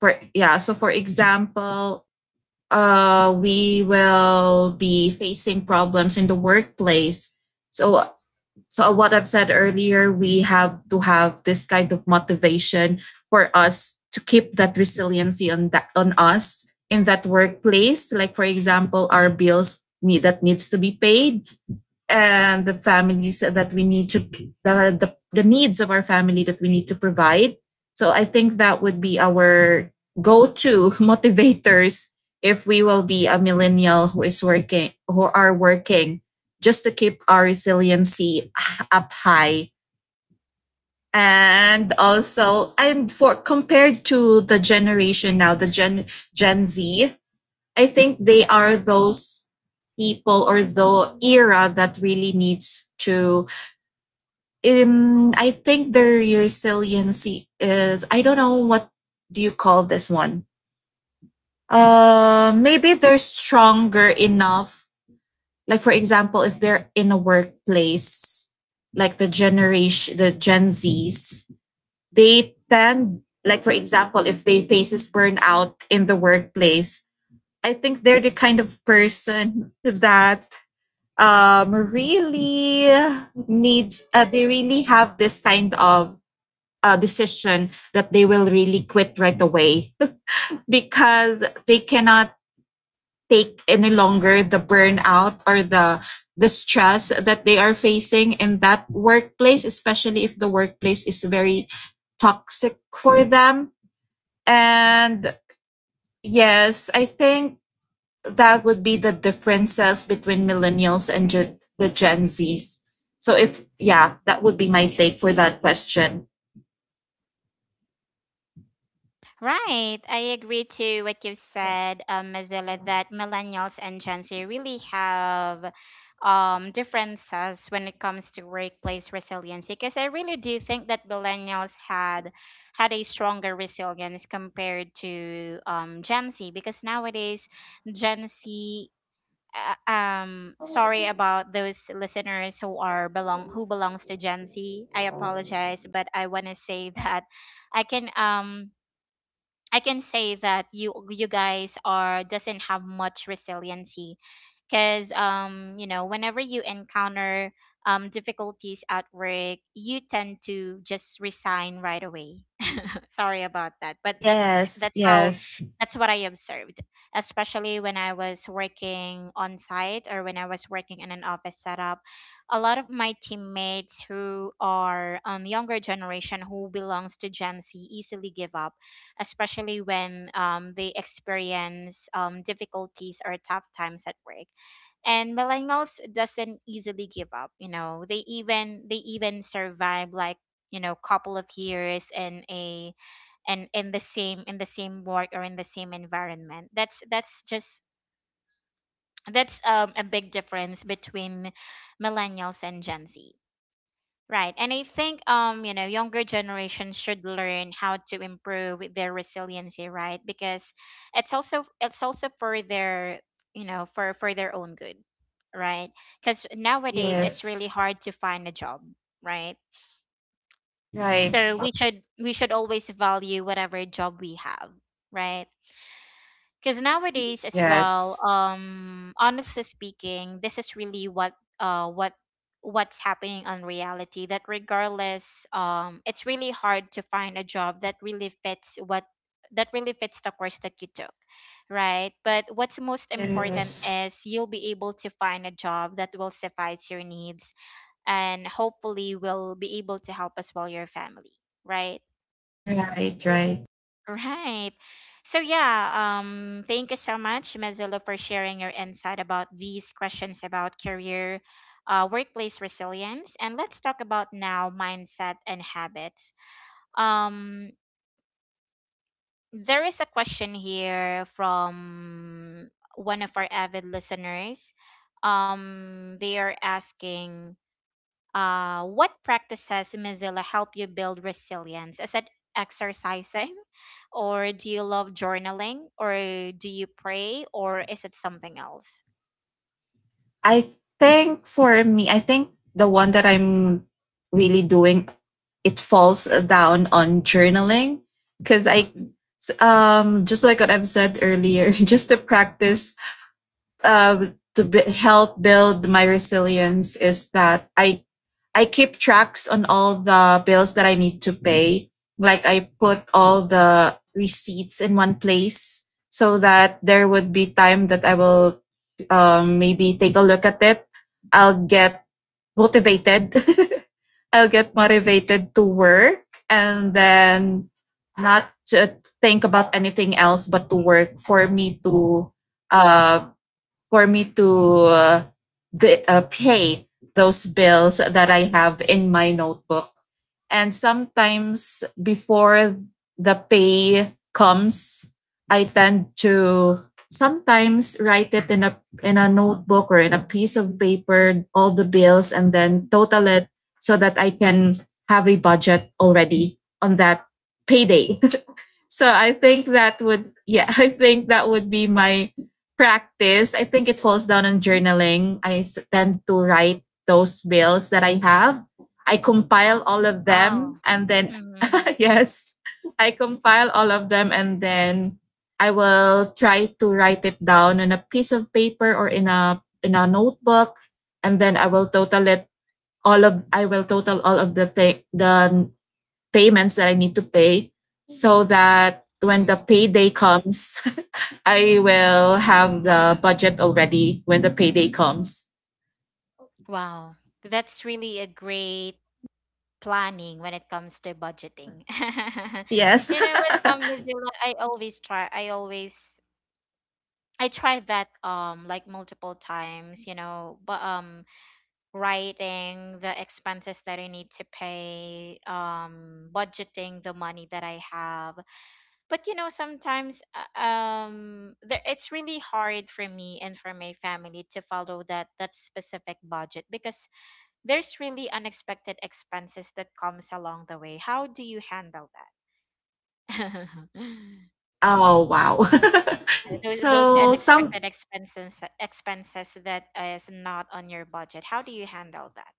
[SPEAKER 2] for yeah so for example, we will be facing problems in the workplace. So, so what I've said earlier, we have to have this kind of motivation for us to keep that resiliency on us in that workplace. Like for example, our that needs to be paid, and the families that we need to, the needs of our family that we need to provide. So I think that would be our go-to motivators if we will be a millennial who are working, just to keep our resiliency up high. And also, and for compared to the generation now, the Gen Z, I think they are those people or the era that really needs to I think the resiliency is, I don't know what do you call this one. Maybe they're stronger enough. Like for example, if they're in a workplace, like the generation, the Gen Zs, they tend, like for example, if they faces burnout in the workplace, I think they're the kind of person that really needs. They really have this kind of decision that they will really quit right away. Because they cannot take any longer the burnout or the stress that they are facing in that workplace, especially if the workplace is very toxic for them. And yes, I think that would be the differences between millennials and the Gen Z's. So if, yeah, that would be my take for that question.
[SPEAKER 1] Right. I agree to what you've said, Mozilla, that millennials and Gen Z really have differences when it comes to workplace resiliency. Because I really do think that millennials had a stronger resilience compared to Gen Z. Because nowadays, Gen Z, sorry about those listeners who belongs to Gen Z. I apologize, but I want to say that I can um I can say that you guys are doesn't have much resiliency, because you know, whenever you encounter difficulties at work, you tend to just resign right away. Sorry about that, but that's
[SPEAKER 2] Yes,
[SPEAKER 1] that's how,
[SPEAKER 2] yes,
[SPEAKER 1] that's what I observed, especially when I was working on site or when I was working in an office setup. A lot of my teammates who are on younger generation, who belongs to Gen Z, easily give up, especially when they experience difficulties or tough times at work. And millennials doesn't easily give up, you know, they even, they even survive like, you know, couple of years in a, and in the same, in the same work or in the same environment. That's just, that's a big difference between millennials and Gen Z, right? And I think you know, younger generations should learn how to improve their resiliency, right? Because it's also for their, you know, for their own good, right? Because nowadays it's really
[SPEAKER 2] yes.
[SPEAKER 1] hard to find a job, right? So
[SPEAKER 2] Right.
[SPEAKER 1] we should always value whatever job we have, right? Because nowadays as well,
[SPEAKER 2] Yes.
[SPEAKER 1] honestly speaking, this is really what uh what what's happening on reality, that regardless, it's really hard to find a job that really fits what that really fits the course that you took, right? But what's most important
[SPEAKER 2] Yes.
[SPEAKER 1] is you'll be able to find a job that will suffice your needs, and hopefully will be able to help as well your family, right?
[SPEAKER 2] Right, right.
[SPEAKER 1] Right. So yeah, thank you so much, Mazzillo, for sharing your insight about these questions about career, workplace resilience, and let's talk about now mindset and habits. Um, there is a question here from one of our avid listeners. They are asking. What practices in Mozilla help you build resilience? Is it exercising, or do you love journaling, or do you pray, or is it something else?
[SPEAKER 2] I think for me, I think the one that I'm really doing it falls down on journaling because I just like what I've said earlier, just to practice help build my resilience is that I keep tracks on all the bills that I need to pay. Like I put all the receipts in one place so that there would be time that I will maybe take a look at it. I'll get motivated. I'll get motivated to work and then not to think about anything else but to work for me to uh, for me to uh, pay those bills that I have in my notebook. And sometimes before the pay comes, I tend to sometimes write it in a notebook or in a piece of paper all the bills and then total it so that I can have a budget already on that payday. So I think that would, yeah, I think that would be my practice. I think it falls down on journaling. I tend to write those bills that I have. I compile all of them
[SPEAKER 1] Wow.
[SPEAKER 2] and then
[SPEAKER 1] Mm-hmm.
[SPEAKER 2] yes, I compile all of them and then I will try to write it down on a piece of paper or in a notebook and then I will total it all of I will total all of the payments that I need to pay so that
[SPEAKER 1] Hmm.
[SPEAKER 2] when the payday comes, I will have the budget already when the payday comes.
[SPEAKER 1] Wow. That's really a great planning when it comes to budgeting.
[SPEAKER 2] Yes.
[SPEAKER 1] You know, with Mozilla, I always try, I always, I tried that like multiple times, you know, but writing the expenses that I need to pay, budgeting the money that I have. But you know, sometimes it's really hard for me and for my family to follow that specific budget, because there's really unexpected expenses that comes along the way. How do you handle that?
[SPEAKER 2] Oh, wow.
[SPEAKER 1] Those, those
[SPEAKER 2] so, some,
[SPEAKER 1] unexpected expenses expenses that is not on your budget. How do you handle that,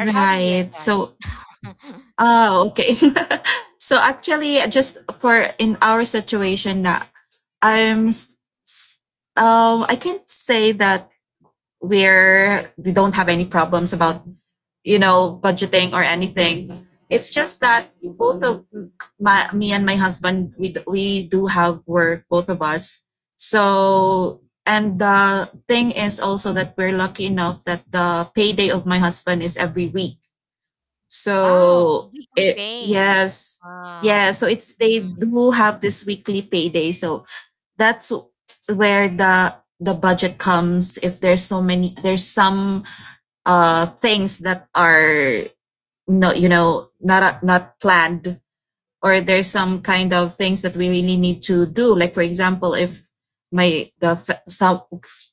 [SPEAKER 1] or how do you adjust?
[SPEAKER 2] So, oh, okay. So, actually, just for in our situation, I'm, s- s- I can't say that we don't have any problems about you know budgeting or anything. It's just that both of my me and my husband, we do have work, both of us. So and the thing is also that we're lucky enough that the payday of my husband is every week,
[SPEAKER 1] Wow,
[SPEAKER 2] so
[SPEAKER 1] weekly
[SPEAKER 2] it,
[SPEAKER 1] pay.
[SPEAKER 2] yes, yeah, so
[SPEAKER 1] Wow.
[SPEAKER 2] it's they
[SPEAKER 1] Mm,
[SPEAKER 2] do have this weekly payday. So that's where the budget comes if there's so many there's some things that are, no, you know, not not planned, or there's some kind of things that we really need to do, like for example if my the fa-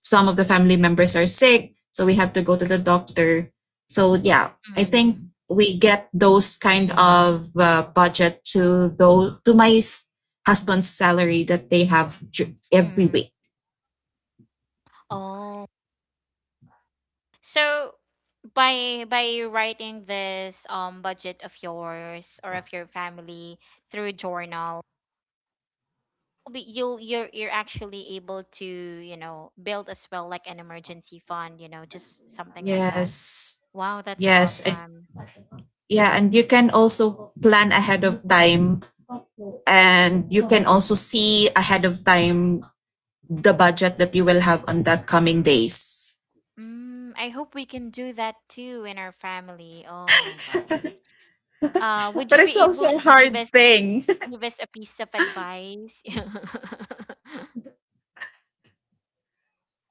[SPEAKER 2] some of the family members are sick, so we have to go to the doctor. So yeah, I
[SPEAKER 1] mm,
[SPEAKER 2] think we get those kind of budget to those to my husband's salary that they have every
[SPEAKER 1] mm.
[SPEAKER 2] week.
[SPEAKER 1] Oh, so by writing this budget of yours or of your family through journal, you're actually able to, you know, build as well like an emergency fund, you know, just something like that.
[SPEAKER 2] Yes.
[SPEAKER 1] Wow, that's
[SPEAKER 2] Yes. And
[SPEAKER 1] awesome.
[SPEAKER 2] yeah, and you can also plan ahead of time and you can also see ahead of time the budget that you will have on that coming days.
[SPEAKER 1] Mm, I hope we can do that too in our family. Oh my God. Would
[SPEAKER 2] But
[SPEAKER 1] you be
[SPEAKER 2] it's also
[SPEAKER 1] able
[SPEAKER 2] a
[SPEAKER 1] to give
[SPEAKER 2] hard
[SPEAKER 1] us,
[SPEAKER 2] thing.
[SPEAKER 1] give us a piece of advice.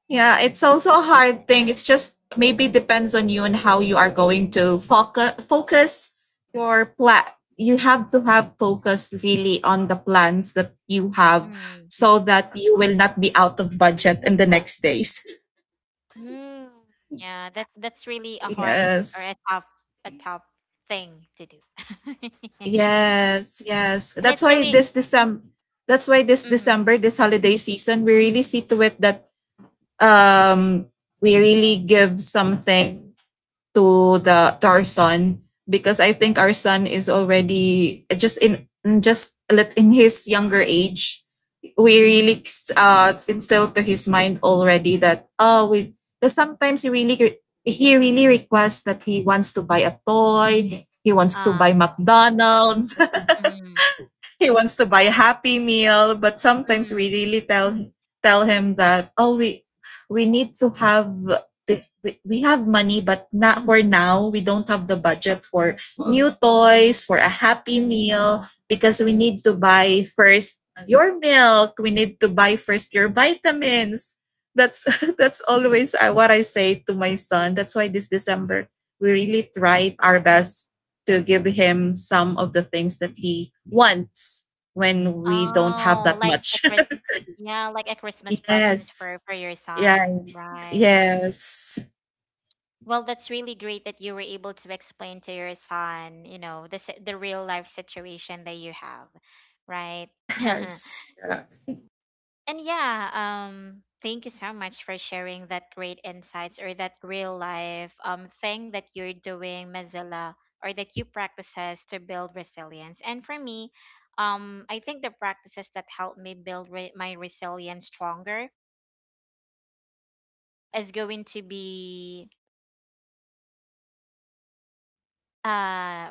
[SPEAKER 2] Yeah, it's also a hard thing. It's just maybe depends on you and how you are going to focus your plan. You have to have focus really on the plans that you have
[SPEAKER 1] Mm.
[SPEAKER 2] so that you will not be out of budget in the next days.
[SPEAKER 1] Mm. Yeah, that that's really a hard or
[SPEAKER 2] Yes.
[SPEAKER 1] a tough, a tough thing to do.
[SPEAKER 2] Yes. Yes.
[SPEAKER 1] And it
[SPEAKER 2] That's why
[SPEAKER 1] really,
[SPEAKER 2] this December,
[SPEAKER 1] mm,
[SPEAKER 2] This holiday season, we really see to it that um we really give something to the to our son because I think our son is already just let in his younger age. We really instilled to his mind already that, oh, we, because sometimes he really, he really requests that he wants to buy a toy, he wants to buy
[SPEAKER 1] uh,
[SPEAKER 2] McDonald's.
[SPEAKER 1] mm,
[SPEAKER 2] He wants to buy a happy meal, but sometimes we
[SPEAKER 1] mm,
[SPEAKER 2] really tell him that, oh, we need to have we have money but not for now, we don't have the budget for new toys for a happy meal because we
[SPEAKER 1] mm.
[SPEAKER 2] need to buy first your milk, we need to buy first your vitamins. That's that's always, what I say to my son. That's why this December we really tried our best to give him some of the things that he wants when we don't have
[SPEAKER 1] Oh,
[SPEAKER 2] that
[SPEAKER 1] like a
[SPEAKER 2] much.
[SPEAKER 1] Chris Yeah, like a Christmas presents
[SPEAKER 2] Yes.
[SPEAKER 1] for your
[SPEAKER 2] Yeah.
[SPEAKER 1] son, right?
[SPEAKER 2] Yes.
[SPEAKER 1] Well, that's really great that you were able to explain to your son, you know, the real life situation that you have, right?
[SPEAKER 2] Yes. Yeah.
[SPEAKER 1] And yeah, thank you so much for sharing that great insights or that real life thing that you're doing, Mozilla, or that you practices to build resilience. And for me, I think the practices that help me build my resilience stronger is going to be uh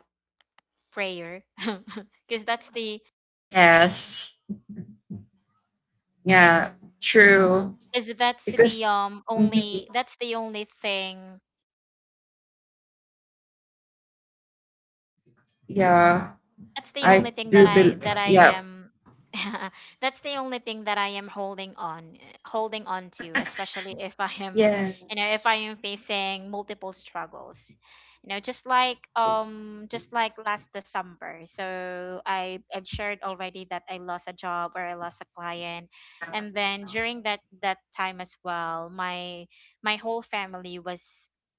[SPEAKER 1] prayer, because that's the,
[SPEAKER 2] Yes. Yeah. True.
[SPEAKER 1] because that's the
[SPEAKER 2] Because, mhm,
[SPEAKER 1] only that's the only thing,
[SPEAKER 2] yeah,
[SPEAKER 1] that's the only
[SPEAKER 2] I
[SPEAKER 1] thing
[SPEAKER 2] do believe.
[SPEAKER 1] that I
[SPEAKER 2] Yeah.
[SPEAKER 1] am that's the only thing that I am holding on, holding on to, especially if I am, you know, if I
[SPEAKER 2] Yes.
[SPEAKER 1] am facing multiple struggles. You know, just like last December. So I, I've shared already that I lost a job or I lost a client. And then during that time as well, my whole family was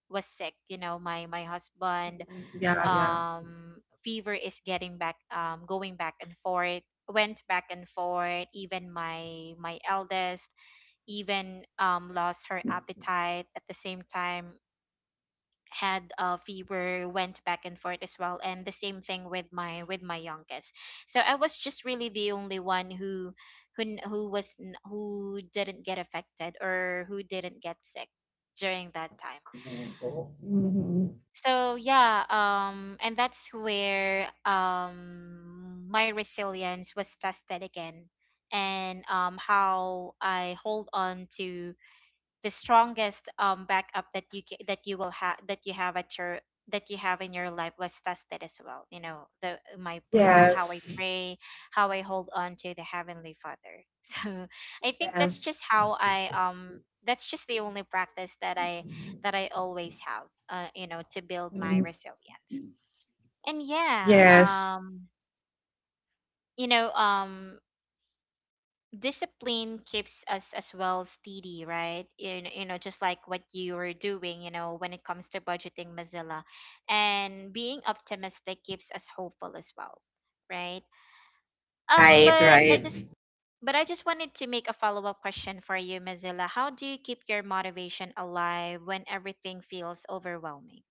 [SPEAKER 1] was sick, you know, my husband,
[SPEAKER 2] Yeah. Yeah.
[SPEAKER 1] um fever is getting back, going back and forth, went back and forth, even my, my eldest, even lost her appetite at the same time, had a fever, went back and forth as well, and the same thing with my, with my youngest. So I was just really the only one who, who didn't get affected, or who didn't get sick during that time.
[SPEAKER 2] Mhm.
[SPEAKER 1] So yeah, and that's where my resilience was tested again, and how I hold on to the strongest backup that you that you will have, that you have at your, that you have in your life was tested as well, you know, how I
[SPEAKER 2] Yes.
[SPEAKER 1] pray, how I hold on to the heavenly father. So I think that's just
[SPEAKER 2] Yes.
[SPEAKER 1] how I that's just the only practice that I, that I always have, you know, to build my
[SPEAKER 2] Mhm.
[SPEAKER 1] resilience. And yeah,
[SPEAKER 2] Yes.
[SPEAKER 1] you know, discipline keeps us as well steady, right? You know, just like what you were doing, you know, when it comes to budgeting, Mozilla. And being optimistic keeps us hopeful as well, right?
[SPEAKER 2] Right.
[SPEAKER 1] But I just,
[SPEAKER 2] Right.
[SPEAKER 1] but I just wanted to make a follow-up question for you, Mozilla. How do you keep your motivation alive when everything feels overwhelming?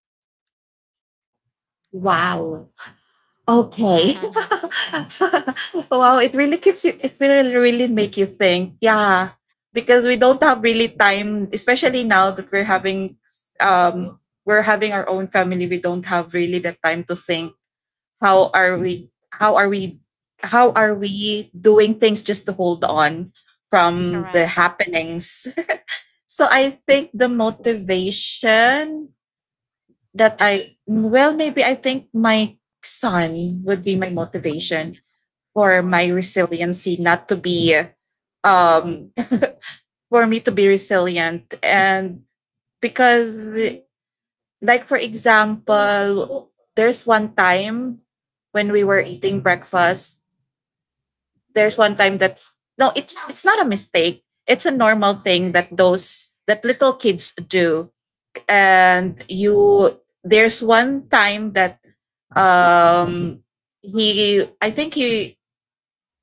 [SPEAKER 2] Wow. Okay.
[SPEAKER 1] Mhm.
[SPEAKER 2] Wow, it really keeps you, it will really make you think. Yeah. Because we don't have really time, especially now that um, we're having our own family. We don't have really the time to think how are we, how are we, how are we doing things just to hold on from
[SPEAKER 1] Correct.
[SPEAKER 2] the happenings. So I think the motivation that I, well, maybe I think my son would be my motivation
[SPEAKER 1] Of
[SPEAKER 2] for my
[SPEAKER 1] course.
[SPEAKER 2] resiliency not to be um for me to be resilient. And because like for example, there's one time when we were eating breakfast, there's one time that, no, it's not a mistake, it's a normal thing that those that little kids do. And you, there's one time that Um, he, I think he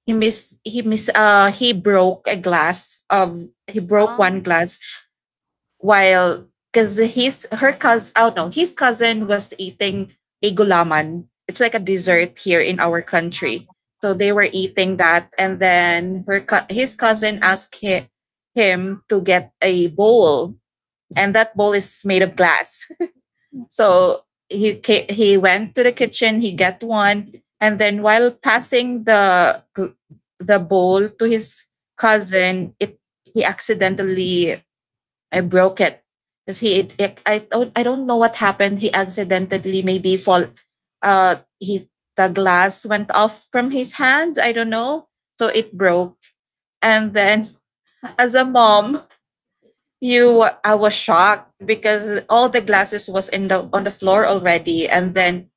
[SPEAKER 2] he miss he miss he broke a glass of he broke
[SPEAKER 1] um
[SPEAKER 2] one glass while, because his her cousin, oh no, his cousin was eating a gulaman. It's like a
[SPEAKER 1] mhm.
[SPEAKER 2] dessert here in our country. So they were eating that, and then his cousin asked him to get a bowl, and that bowl is made of glass. So he went to the kitchen, he got one, and then while passing the bowl to his cousin, it he accidentally, I broke it because I don't, I don't know what happened. He accidentally maybe fall, he the glass went off from his hands. I don't know, so it broke. And then as a mom, you, I was shocked because all the glasses was in the on the floor already, and then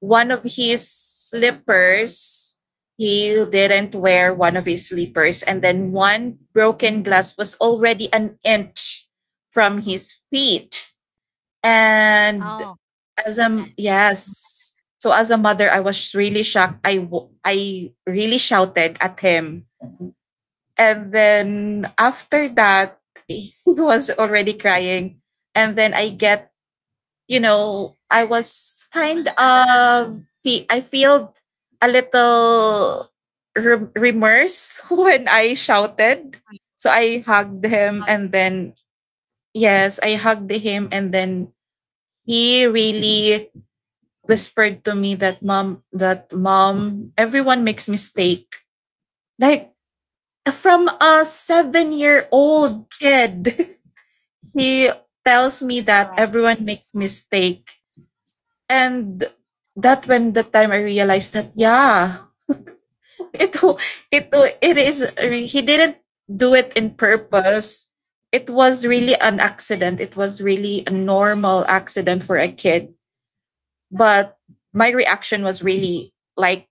[SPEAKER 2] one of his slippers, he didn't wear one of his slippers, and then one broken glass was already an inch from his feet.
[SPEAKER 1] Oh,
[SPEAKER 2] And as a,
[SPEAKER 1] goodness.
[SPEAKER 2] yes, so as a mother, I was really shocked, I really shouted at him, and then after that, he was already crying. And then I get, you know, I was kind of, I feel a little remorse when I shouted.
[SPEAKER 1] Mhm.
[SPEAKER 2] So I hugged
[SPEAKER 1] Oh,
[SPEAKER 2] him
[SPEAKER 1] yeah,
[SPEAKER 2] and then, yes, I hugged him and then he really whispered to me that, mom, everyone makes mistake. Like from a 7 year old kid, he tells me that
[SPEAKER 1] correct.
[SPEAKER 2] everyone make mistake. And that when the time I realized that, yeah, it w- it is he didn't do it in purpose. It was really an accident. It was really a normal accident for a kid. But my reaction was really like,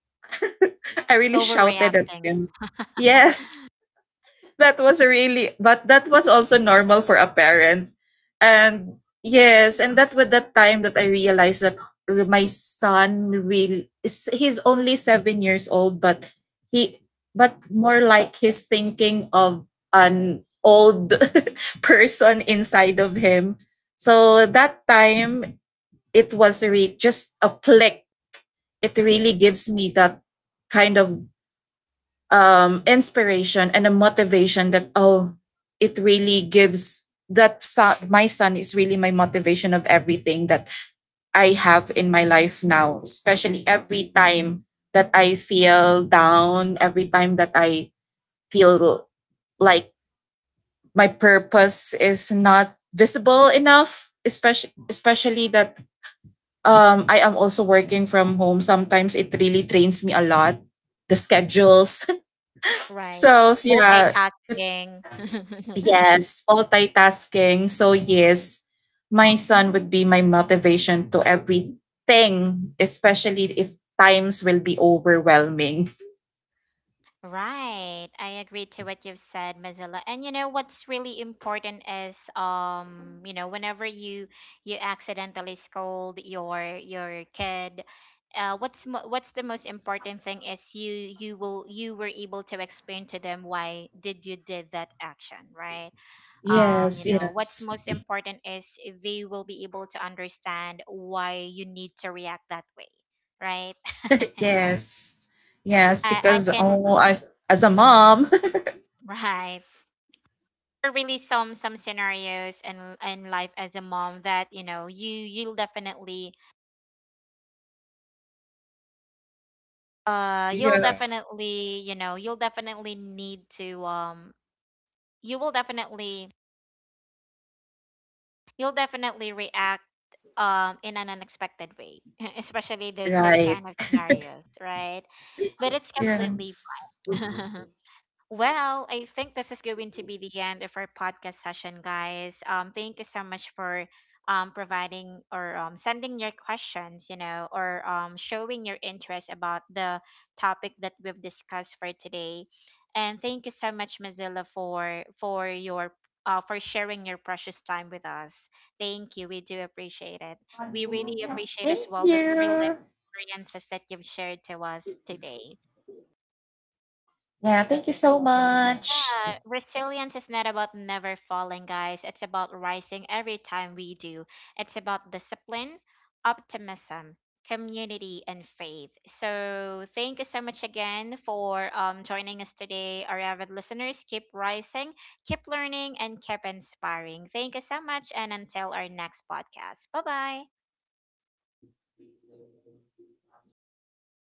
[SPEAKER 2] I really shouted at
[SPEAKER 1] Overreacting.
[SPEAKER 2] him. Yes. That was really, but that was also normal for a parent. And yes, and that was the time that I realized that my son really he's only 7 years old, but he, but more like he's thinking of an old person inside of him. So that time, just a click, it really gives me that kind of inspiration and a motivation that, oh, it really gives that son, my son is really my motivation of everything that I have in my life now, especially every time that I feel down, every time that I feel like my purpose is not visible enough, especially that I am also working from home. Sometimes it really drains me a lot, the schedules.
[SPEAKER 1] Right.
[SPEAKER 2] So yeah, it,
[SPEAKER 1] Multitasking.
[SPEAKER 2] yes, multitasking. So yes, my son would be my motivation to everything, especially if times will be overwhelming.
[SPEAKER 1] Right. I agree to what you've said, Mozilla. And you know what's really important is you know, whenever you, you accidentally scold your kid, what's what's the most important thing is you were able to explain to them why did you did that action, right? You
[SPEAKER 2] Yes,
[SPEAKER 1] know what's
[SPEAKER 2] yes,
[SPEAKER 1] most important is they will be able to understand why you need to react that way, right?
[SPEAKER 2] yes, yes.
[SPEAKER 1] I
[SPEAKER 2] Because,
[SPEAKER 1] can,
[SPEAKER 2] oh, as a
[SPEAKER 1] mm,
[SPEAKER 2] mom,
[SPEAKER 1] right. There are really some scenarios in life as a mom that, you know, you'll
[SPEAKER 2] yeah,
[SPEAKER 1] definitely, you know, you'll definitely need to you will definitely, you'll definitely react in an unexpected way especially those
[SPEAKER 2] right.
[SPEAKER 1] kind of scenarios, right? But it's completely
[SPEAKER 2] Yes.
[SPEAKER 1] fine. Well, I think this is going to be the end of our podcast session, guys. Thank you so much for providing or sending your questions, you know, or showing your interest about the topic that we've discussed for today. And thank you so much, Mozilla, for your for sharing your precious time with us. Thank you. We do appreciate it. We really appreciate as
[SPEAKER 2] Thank
[SPEAKER 1] well those real life
[SPEAKER 2] you.
[SPEAKER 1] experiences that you've shared to us today.
[SPEAKER 2] Yeah, thank you so much.
[SPEAKER 1] Yeah, resilience is not about never falling, guys. It's about rising every time we do. It's about discipline, optimism, community, and faith. So thank you so much again for joining us today, our avid listeners. Keep rising, keep learning, and keep inspiring. Thank you so much, and until our next podcast. Bye bye.
[SPEAKER 2] Bye.